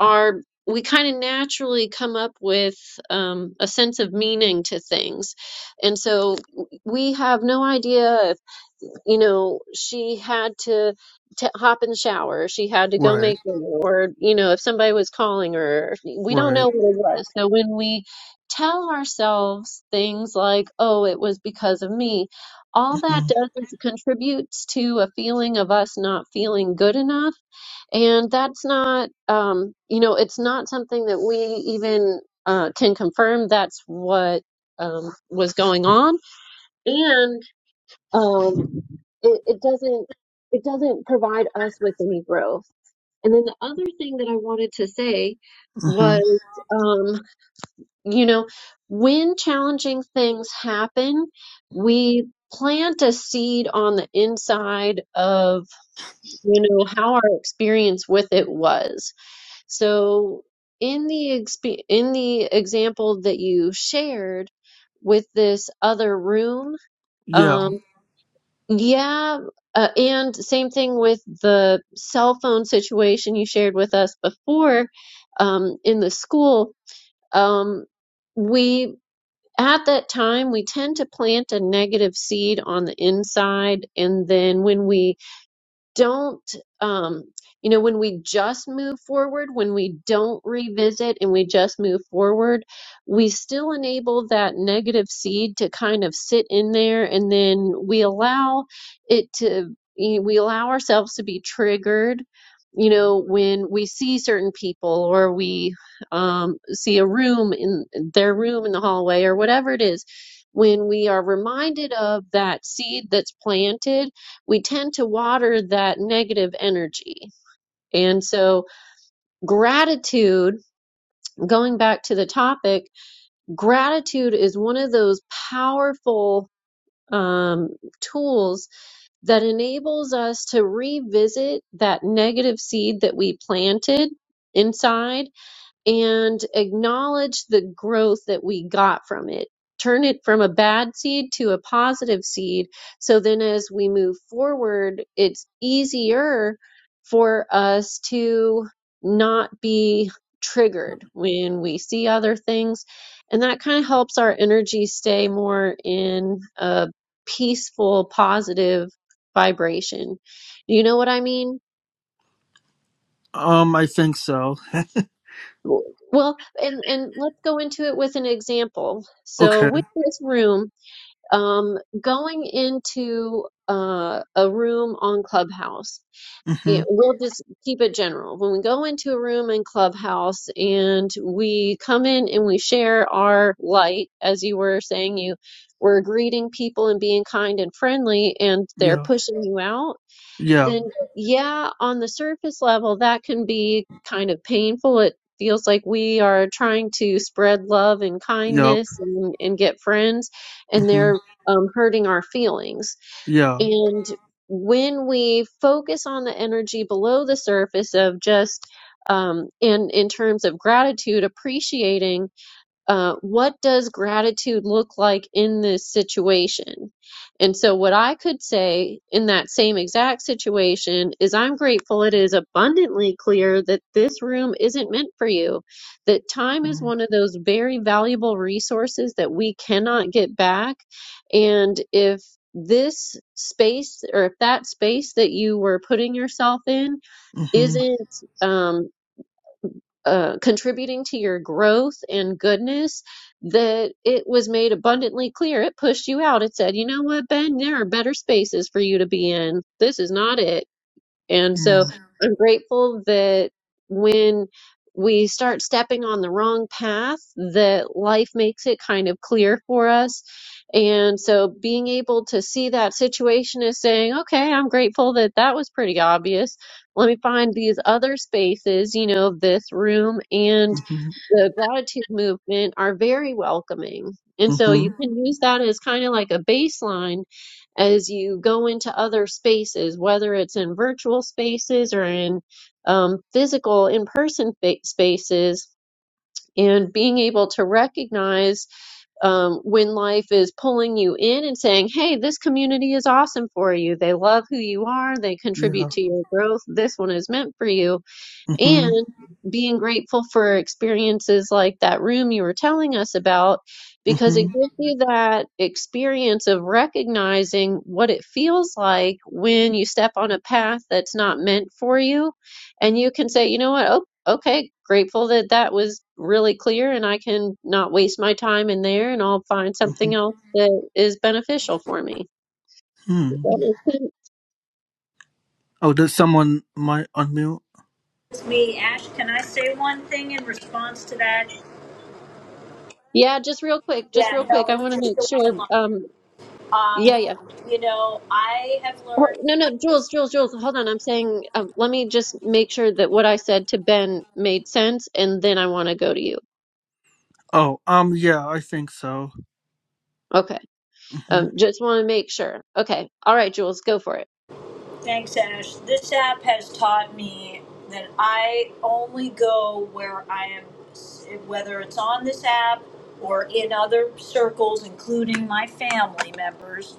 [SPEAKER 1] are. We kind of naturally come up with um, a sense of meaning to things. And so we have no idea you know, she had to t hop in the shower. She had to go
[SPEAKER 3] Right.
[SPEAKER 1] make dinner, or, you know, if somebody was calling her, we don't
[SPEAKER 3] Right.
[SPEAKER 1] know what it was. So when we tell ourselves things like, oh, it was because of me, all
[SPEAKER 3] Mm-hmm.
[SPEAKER 1] that does is it contributes to a feeling of us not feeling good enough. And that's not, um, you know, it's not something that we even uh, can confirm that's what um, was going on. and um, it, it doesn't it doesn't provide us with any growth. And then the other thing that I wanted to say
[SPEAKER 3] mm-hmm.
[SPEAKER 1] was, um, you know, when challenging things happen, we plant a seed on the inside of, you know, how our experience with it was. So in the exp- in the example that you shared with this other room,
[SPEAKER 3] Yeah.
[SPEAKER 1] um, yeah, uh, and same thing with the cell phone situation you shared with us before, um, in the school. Um, we at that time we tend to plant a negative seed on the inside, and then when we don't um you know when we just move forward when we don't revisit and we just move forward we still enable that negative seed to kind of sit in there and then we allow it to you know, we allow ourselves to be triggered you know when we see certain people or we um see a room in their room in the hallway or whatever it is when we are reminded of that seed that's planted we tend to water that negative energy. And so, gratitude, going back to the topic, gratitude is one of those powerful um, tools that enables us to revisit that negative seed that we planted inside and acknowledge the growth that we got from it. Turn it from a bad seed to a positive seed. So then, as we move forward, it's easier for us to not be triggered when we see other things. And that kind of helps our energy stay more in a peaceful, positive vibration. You know what I mean?
[SPEAKER 3] Um, I think so.
[SPEAKER 1] Well, and and let's go into it with an example. So
[SPEAKER 3] Okay.
[SPEAKER 1] with this room, um, going into uh, a room on Clubhouse,
[SPEAKER 3] Mm-hmm.
[SPEAKER 1] it, we'll just keep it general. When we go into a room in Clubhouse and we come in and we share our light, as you were saying, you were greeting people and being kind and friendly, and they're
[SPEAKER 3] Yeah.
[SPEAKER 1] pushing you out
[SPEAKER 3] Yeah.
[SPEAKER 1] then yeah, on the surface level, that can be kind of painful. It feels like we are trying to spread love and
[SPEAKER 3] Yep.
[SPEAKER 1] kindness and, and get friends, and
[SPEAKER 3] Mm-hmm.
[SPEAKER 1] they're um, hurting our feelings.
[SPEAKER 3] Yeah.
[SPEAKER 1] And when we focus on the energy below the surface of just um, in in terms of gratitude, appreciating uh, what does gratitude look like in this situation? And so, what I could say in that same exact situation is, I'm grateful it is abundantly clear that this room isn't meant for you, that time is
[SPEAKER 3] mm,
[SPEAKER 1] one of those very valuable resources that we cannot get back. And if this space or if that space that you were putting yourself in
[SPEAKER 3] Mm-hmm.
[SPEAKER 1] isn't um, uh, contributing to your growth and goodness that it was made abundantly clear. It pushed you out. It said, you know what, Ben, there are better spaces for you to be in. This is not it. And so
[SPEAKER 3] mm,
[SPEAKER 1] I'm grateful that when we start stepping on the wrong path, that life makes it kind of clear for us. And so being able to see that situation as saying, okay, I'm grateful that that was pretty obvious. Let me find these other spaces, you know, this room and."
[SPEAKER 3] Mm-hmm.
[SPEAKER 1] the gratitude movement are very welcoming. And so
[SPEAKER 3] Mm-hmm.
[SPEAKER 1] you can use that as kind of like a baseline as you go into other spaces, whether it's in virtual spaces or in um, physical, in person spaces. And being able to recognize um, when life is pulling you in and saying, hey, this community is awesome for you. They love who you are. They
[SPEAKER 3] Yeah.
[SPEAKER 1] contribute to your growth. This one is meant for you
[SPEAKER 3] Mm-hmm.
[SPEAKER 1] and being grateful for experiences like that room you were telling us about because it
[SPEAKER 3] Mm-hmm.
[SPEAKER 1] gives you that experience of recognizing what it feels like when you step on a path that's not meant for you and you can say you know what oh okay grateful that that was really clear and I can not waste my time in there and I'll find
[SPEAKER 3] Mm-hmm.
[SPEAKER 1] something else that is beneficial for me Does
[SPEAKER 3] Hmm.
[SPEAKER 1] that make sense?
[SPEAKER 3] Oh, did someone might unmute?
[SPEAKER 7] me, Ash. Can I say one thing in response to that?
[SPEAKER 1] yeah just real quick just real
[SPEAKER 7] Yeah, no,
[SPEAKER 1] quick I want
[SPEAKER 7] it's
[SPEAKER 1] to
[SPEAKER 7] just
[SPEAKER 1] make
[SPEAKER 7] the one
[SPEAKER 1] sure
[SPEAKER 7] line.
[SPEAKER 1] um yeah, yeah. Oh, No, no, Jules, Jules, Jules, hold on. I'm saying, um, let me just make sure that what I said to Ben made sense, and then I want to go to you.
[SPEAKER 3] Oh, um, yeah, I think so.
[SPEAKER 1] Okay.
[SPEAKER 3] Mm-hmm.
[SPEAKER 1] Um, just want to make sure. Okay. All right, Jules, go for it.
[SPEAKER 7] Thanks, Ash. This app has taught me that I only go where I am, whether it's on this app or in other circles, including my family members.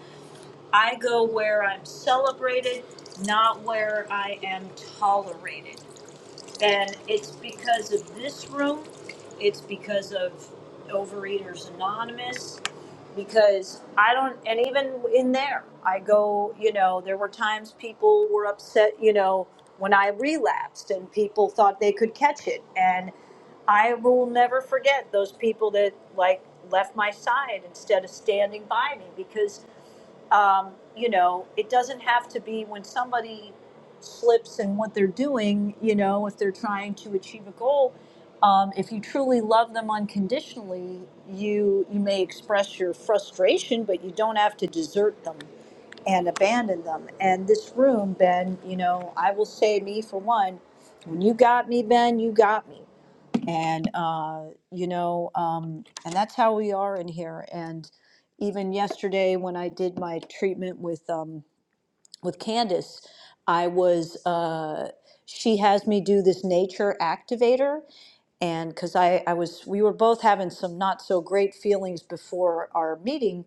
[SPEAKER 7] I go where I'm celebrated, not where I am tolerated. And it's because of this room, it's because of Overeaters Anonymous, because I don't, and even in there, I go, you know, there were times people were upset, you know, when I relapsed and people thought they could catch it. And I will never forget those people that like left my side instead of standing by me because um, you know, it doesn't have to be when somebody slips in what they're doing, you know, if they're trying to achieve a goal. Um, if you truly love them unconditionally, you you may express your frustration, but you don't have to desert them and abandon them. And this room, Ben, you know, I will say me for one, when you got me, Ben, you got me and uh, you know, um, and that's how we are in here. And even yesterday, when I did my treatment with um, with Candace, I was uh, she has me do this nature activator, and because I I was we were both having some not so great feelings before our meeting,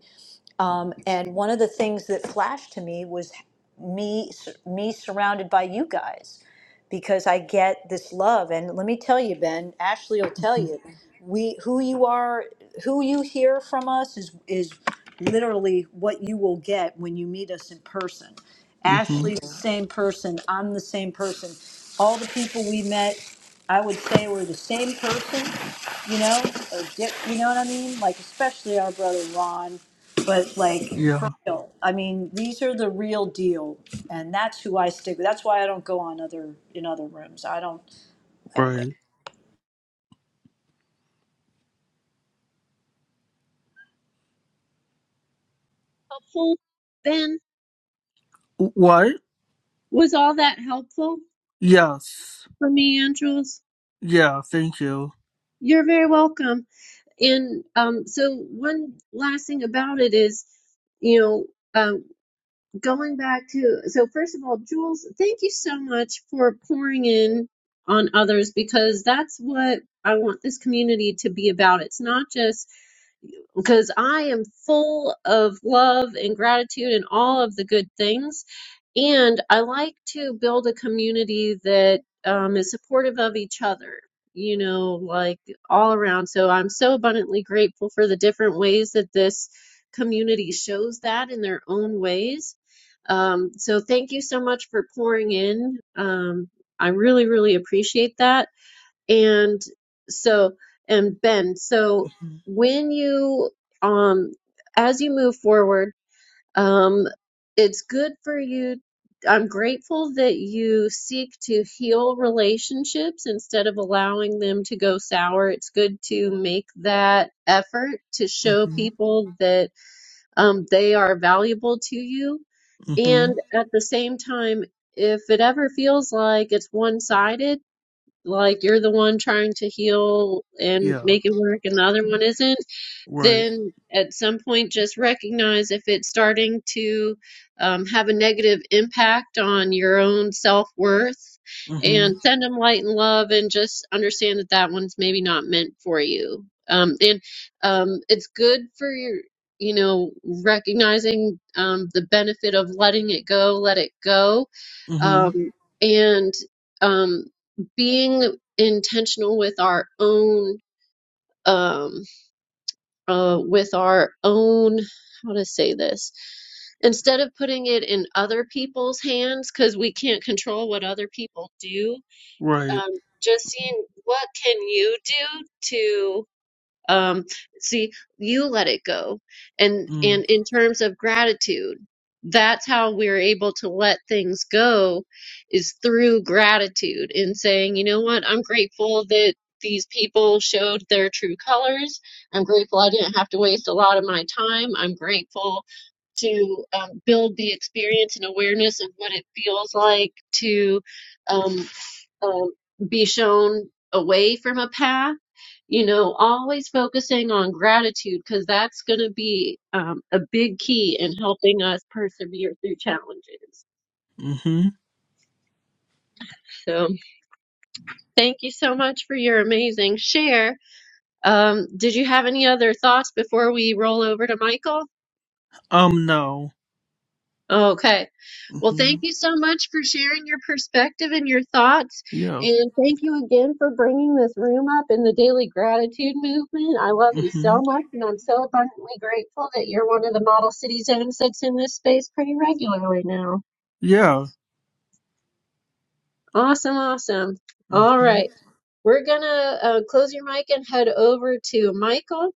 [SPEAKER 7] um, and one of the things that flashed to me was me me surrounded by you guys because I get this love. And let me tell you, Ben, Ashley will tell
[SPEAKER 3] Mm-hmm.
[SPEAKER 7] you, we who you are, who you hear from us is is literally what you will get when you meet us in person.
[SPEAKER 3] Mm-hmm.
[SPEAKER 7] Ashley's the same person. I'm the same person. All the people we met, I would say, were the same person. You know, or di- you know what I mean? Like especially our brother Ron but like
[SPEAKER 3] Yeah.
[SPEAKER 7] for real i mean these are the real deal and that's who i stick with that's why i don't go on other in other rooms i don't anyway
[SPEAKER 3] Right.
[SPEAKER 1] Helpful, Ben?
[SPEAKER 3] What?
[SPEAKER 1] Was all that helpful
[SPEAKER 3] Yes.
[SPEAKER 1] for me and Jules?
[SPEAKER 3] Yeah, thank you.
[SPEAKER 1] You're very welcome. And um, so one last thing about it is, you know, uh, going back to so first of all jules thank you so much for pouring in on others because that's what i want this community to be about it's not just because i am full of love and gratitude and all of the good things and i like to build a community that um, is supportive of each other you know like all around so i'm so abundantly grateful for the different ways that this community shows that in their own ways um, so thank you so much for pouring in. Um, I really, really appreciate that. And so, and Ben, so
[SPEAKER 3] Mhm.
[SPEAKER 1] when you, um, as you move forward, um, it's good for you. I'm grateful that you seek to heal relationships instead of allowing them to go sour. It's good to make that effort to show
[SPEAKER 3] Mhm.
[SPEAKER 1] people that um, they are valuable to you and
[SPEAKER 3] Mhm.
[SPEAKER 1] at the same time, if it ever feels like it's one-sided, like you're the one trying to heal and
[SPEAKER 3] Yeah.
[SPEAKER 1] make it work and the other one isn't,
[SPEAKER 3] Right.
[SPEAKER 1] then at some point just recognize if it's starting to um, have a negative impact on your own self worth
[SPEAKER 3] Mhm.
[SPEAKER 1] and send them light and love and just understand that that one's maybe not meant for you. Um, and um, it's good for your, you know, recognizing um, the benefit of letting it go, let it go.
[SPEAKER 3] Mhm.
[SPEAKER 1] Um, and um, being intentional with our own. Um, uh, with our own, how to say this, instead of putting it in other people's hands, because we can't control what other people do,
[SPEAKER 3] Right.
[SPEAKER 1] um, just seeing what can you do to? um see you let it go and
[SPEAKER 3] Mm.
[SPEAKER 1] and in terms of gratitude that's how we're able to let things go is through gratitude and saying you know what i'm grateful that these people showed their true colors i'm grateful i didn't have to waste a lot of my time i'm grateful to um, build the experience and awareness of what it feels like to um, um, be shown away from a path you know, always focusing on gratitude because that's going to be um, a big key in helping us persevere through challenges.
[SPEAKER 3] Mhm.
[SPEAKER 1] So, thank you so much for your amazing share. Um, did you have any other thoughts before we roll over to Michael?
[SPEAKER 3] Um no.
[SPEAKER 1] Okay. Well, thank
[SPEAKER 3] Mhm.
[SPEAKER 1] you so much for sharing your perspective and your thoughts.
[SPEAKER 3] Yeah.
[SPEAKER 1] And thank you again for bringing this room up in the daily gratitude movement. I love you
[SPEAKER 3] Mhm.
[SPEAKER 1] so much, and I'm so abundantly grateful that you're one of the model city zones that's in this space pretty regularly now.
[SPEAKER 3] Yeah.
[SPEAKER 1] Awesome, awesome. All
[SPEAKER 3] Mhm.
[SPEAKER 1] right. We're going to uh, close your mic and head over to Michael.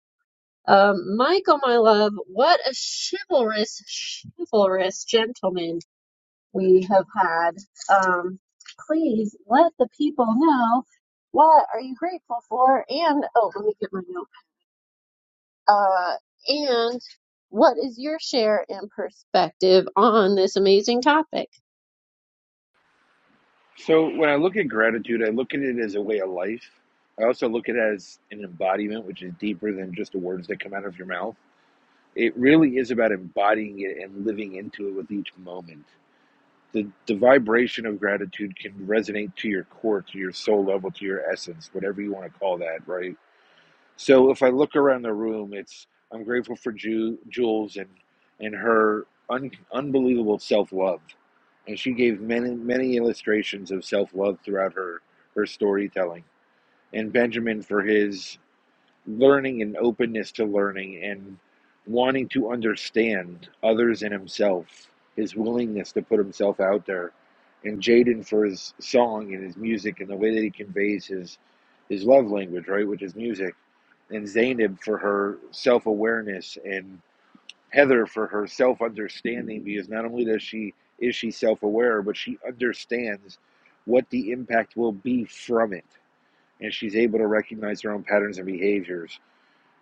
[SPEAKER 1] Um, Michael, my love, what a chivalrous, chivalrous gentleman. we have had. Um, please let the people know what are you grateful for, and oh, let me get my note. Uh, and what is your share and perspective on this amazing topic?
[SPEAKER 2] So when I look at gratitude, I look at it as a way of life. I also look at it as an embodiment, which is deeper than just the words that come out of your mouth. It really is about embodying it and living into it with each moment. the, the vibration of gratitude can resonate to your core, to your soul level, to your essence, whatever you want to call that, right? So if I look around the room, it's I'm grateful for Ju- Jules and and her un- unbelievable self love, and she gave many many illustrations of self love throughout her her storytelling, and Benjamin for his learning and openness to learning and wanting to understand others and himself, his willingness to put himself out there, and Jaden for his song and his music and the way that he conveys his his love language, right, which is music, and Zainab for her self awareness and Heather for her self understanding because not only does she is she self aware, but she understands what the impact will be from it. And she's able to recognize her own patterns and behaviors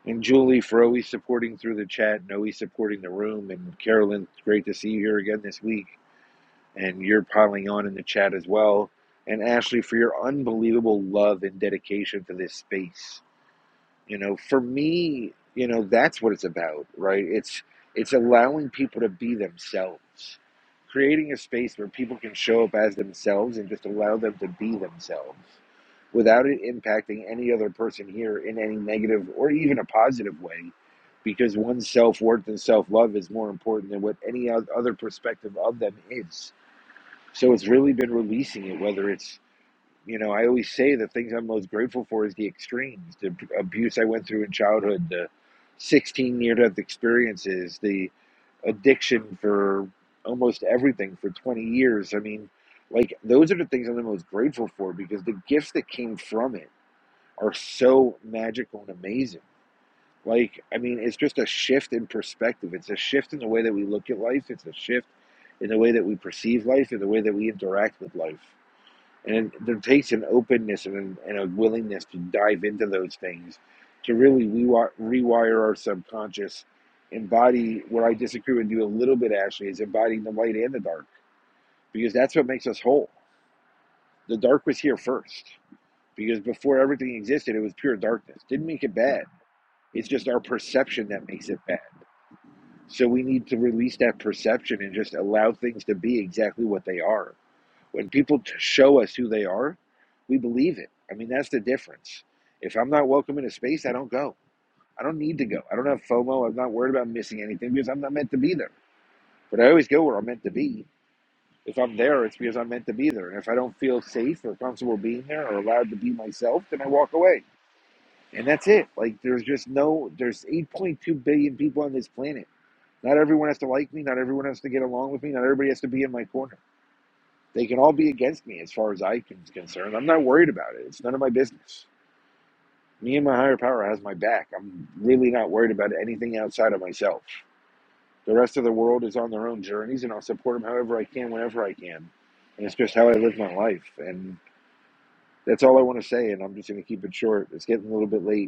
[SPEAKER 2] and Julie, for always supporting through the chat and always supporting the room. And Carolyn, great to see you here again this week. And you're piling on in the chat as well. And Ashley, for your unbelievable love and dedication to this space you know for me you know that's what it's about right it's it's allowing people to be themselves creating a space where people can show up as themselves and just allow them to be themselves without it impacting any other person here in any negative or even a positive way because one's self-worth and self-love is more important than what any oth- other perspective of them is so it's really been releasing it whether it's you know, I always say the things I'm most grateful for is the extremes, the abuse I went through in childhood, the 16 near death experiences, the addiction for almost everything for 20 years. I mean, like, those are the things I'm the most grateful for because the gifts that came from it are so magical and amazing. Like, I mean, it's just a shift in perspective. It's a shift in the way that we look at life, it's a shift in the way that we perceive life, in the way that we interact with life. And it, it takes an openness and, and a willingness to dive into those things to really rewi- rewire our subconscious, embody where I disagree with you a little bit, Ashley, is embodying the light and the dark because that's what makes us whole. The dark was here first because before everything existed, it was pure darkness. Didn't make it bad. It's just our perception that makes it bad. So we need to release that perception and just allow things to be exactly what they are. When people show us who they are, we believe it. I mean, that's the difference. If I'm not welcome in a space, I don't go. I don't need to go. I don't have FOMO. I'm not worried about missing anything because I'm not meant to be there. But I always go where I'm meant to be. If I'm there, it's because I'm meant to be there. And if I don't feel safe or comfortable being there or allowed to be myself, then I walk away. And that's it. Like, there's just no, there's 8.2 billion people on this planet. Not everyone has to like me. Not everyone has to get along with me. Not everybody has to be in my corner. They can all be against me as far as I am concerned. I'm not worried about it. It's none of my business. Me and my higher power has my back. I'm really not worried about anything outside of myself. The rest of the world is on their own journeys, and I'll support them however I can, whenever I can. And it's just how I live my life. And that's all I want to say. And I'm just going to keep it short. It's getting a little bit late.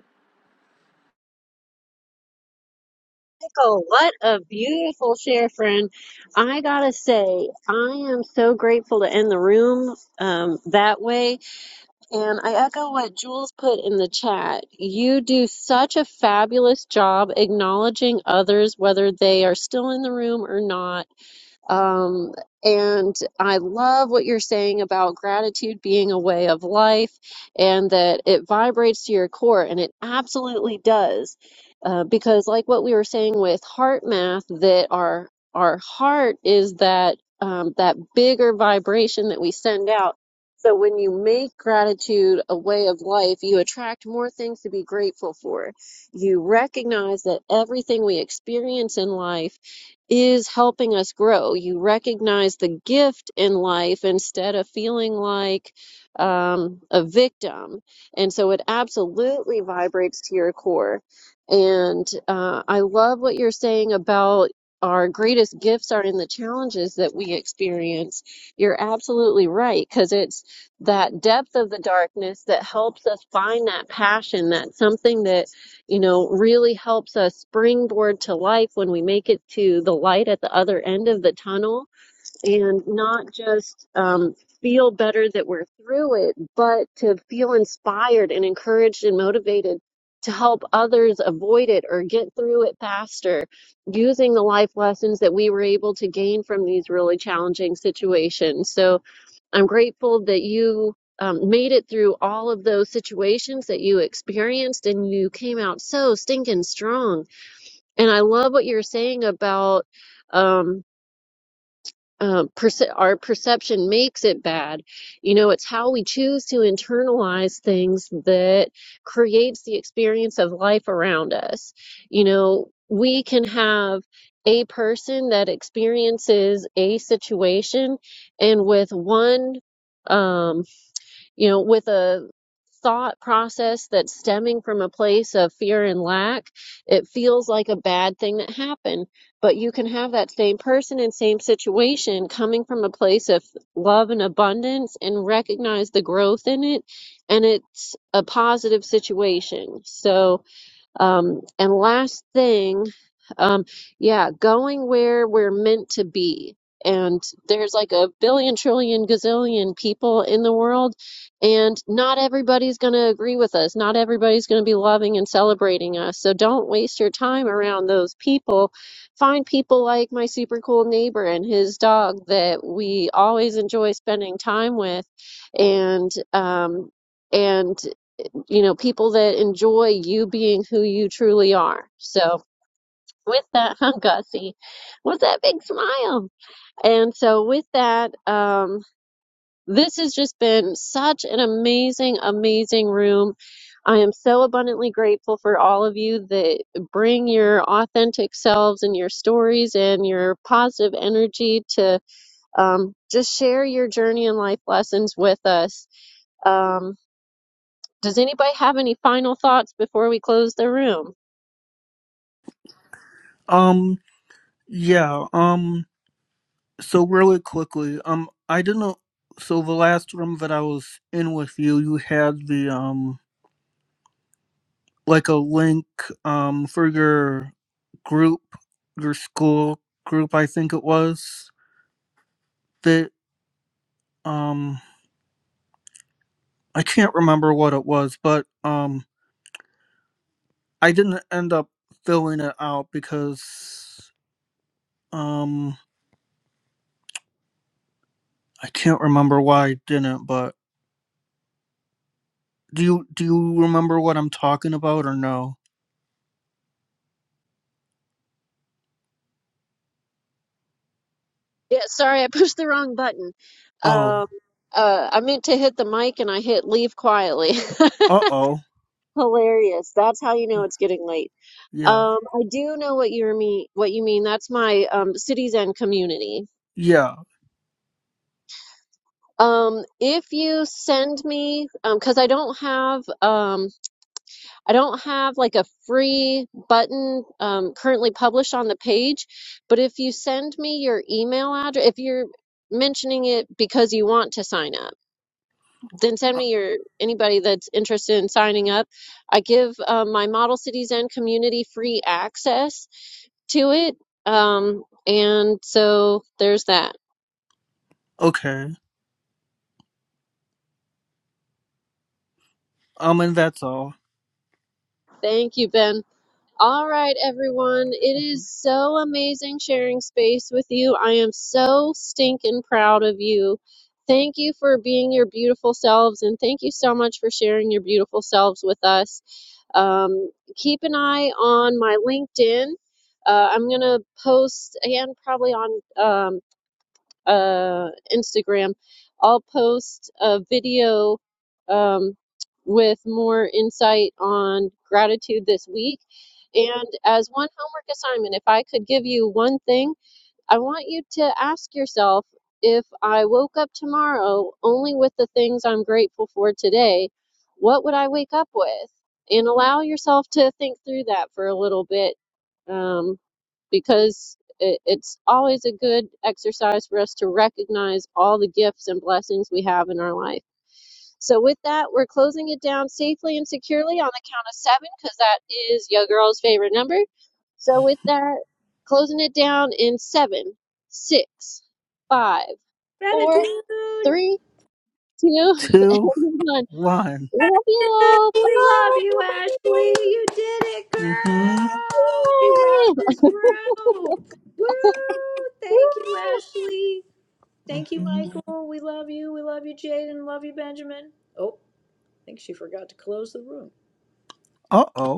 [SPEAKER 1] Michael, what a beautiful share, friend. I gotta say, I am so grateful to end the room um, that way And I echo what Jules put in the chat. You do such a fabulous job acknowledging others, whether they are still in the room or not. Um, and I love what you're saying about gratitude being a way of life and that it vibrates to your core, and it absolutely does. Uh, because, like what we were saying with heart math, that our our heart is that um, that bigger vibration that we send out. So when you make gratitude a way of life, you attract more things to be grateful for. You recognize that everything we experience in life is helping us grow. You recognize the gift in life instead of feeling like um, a victim. And so it absolutely vibrates to your core. And uh, I love what you're saying about our greatest gifts are in the challenges that we experience. You're absolutely right, because it's that depth of the darkness that helps us find that passion, that something that you know, really helps us springboard to life when we make it to the light at the other end of the tunnel and not just um, feel better that we're through it, but to feel inspired and encouraged and motivated to help others avoid it or get through it faster using the life lessons that we were able to gain from these really challenging situations. So, I'm grateful that you um, made it through all of those situations that you experienced and you came out so stinking strong. And I love what you're saying about um, uh, perce- our perception makes it bad. You know, it's how we choose to internalize things that creates the experience of life around us. You know, we can have a person that experiences a situation and with one um you know, with a thought process that's stemming from a place of fear and lack, it feels like a bad thing that happened. But you can have that same person and same situation coming from a place of love and abundance and recognize the growth in it. And it's a positive situation. So, um, and last thing, um, yeah, going where we're meant to be. And there's like a billion, trillion, gazillion people in the world, and not everybody's going to agree with us. Not everybody's going to be loving and celebrating us. So don't waste your time around those people. Find people like my super cool neighbor and his dog that we always enjoy spending time with, and um, and you know, people that enjoy you being who you truly are. So with that, I'm gussy with that big smile. And so with that, um, this has just been such an amazing, amazing room. I am so abundantly grateful for all of you that bring your authentic selves and your stories and your positive energy to um, just share your journey and life lessons with us. Um, does anybody have any final thoughts before we close the room?
[SPEAKER 3] Um yeah. Um so really quickly, um I didn't know so the last room that I was in with you, you had the um like a link um for your group, your school group, I think it was that um I can't remember what it was, but um I didn't end up filling it out because um I can't remember why I didn't, but do you do you remember what I'm talking about or no?
[SPEAKER 1] Yeah, sorry, I pushed the wrong button.
[SPEAKER 3] Oh.
[SPEAKER 1] Um, uh, I meant to hit the mic and I hit leave quietly.
[SPEAKER 3] Uh-oh.
[SPEAKER 1] Hilarious. That's how you know it's getting late.
[SPEAKER 3] Yeah.
[SPEAKER 1] Um, I do know what you mean. What you mean? That's my um, cities and community.
[SPEAKER 3] Yeah.
[SPEAKER 1] Um, if you send me, um, because I don't have, um, I don't have like a free button um, currently published on the page. But if you send me your email address, if you're mentioning it because you want to sign up. then send
[SPEAKER 3] Uh,
[SPEAKER 1] me your anybody that's interested in signing up. I give um, my Model Cities and community free access to it. Um, and so there's that.
[SPEAKER 3] okay. Um and that's all.
[SPEAKER 1] Thank you, Ben. All right, everyone. It is
[SPEAKER 3] Mhm.
[SPEAKER 1] so amazing sharing space with you. I am so stinking proud of you. Thank you for being your beautiful selves, and thank you so much for sharing your beautiful selves with us. Um, keep an eye on my LinkedIn. Uh, I'm going to post, and probably on um, uh, Instagram, I'll post a video um, with more insight on gratitude this week. And as one homework assignment, if I could give you one thing, I want you to ask yourself if I woke up tomorrow only with the things I'm grateful for today, what would I wake up with? And allow yourself to think through that for a little bit um, because it, it's always a good exercise for us to recognize all the gifts and blessings we have in our life. So with that, we're closing it down safely and securely on the count of seven, because that is your girl's favorite number. So with that, closing it down in seven, six, five, four,
[SPEAKER 7] Gratitude.
[SPEAKER 1] three, two,
[SPEAKER 3] Two,
[SPEAKER 1] one.
[SPEAKER 3] one.
[SPEAKER 1] Love you all.
[SPEAKER 7] We love you,
[SPEAKER 1] Bye.
[SPEAKER 7] Ashley. You did it,
[SPEAKER 3] Mm-hmm.
[SPEAKER 7] girl. We love
[SPEAKER 1] Yay!
[SPEAKER 7] this group. Woo! Thank you,
[SPEAKER 1] Woo!
[SPEAKER 7] Ashley. Thank you,
[SPEAKER 3] mm-hmm.
[SPEAKER 7] Michael. We love you. We love you, Jaden.
[SPEAKER 3] Uh oh.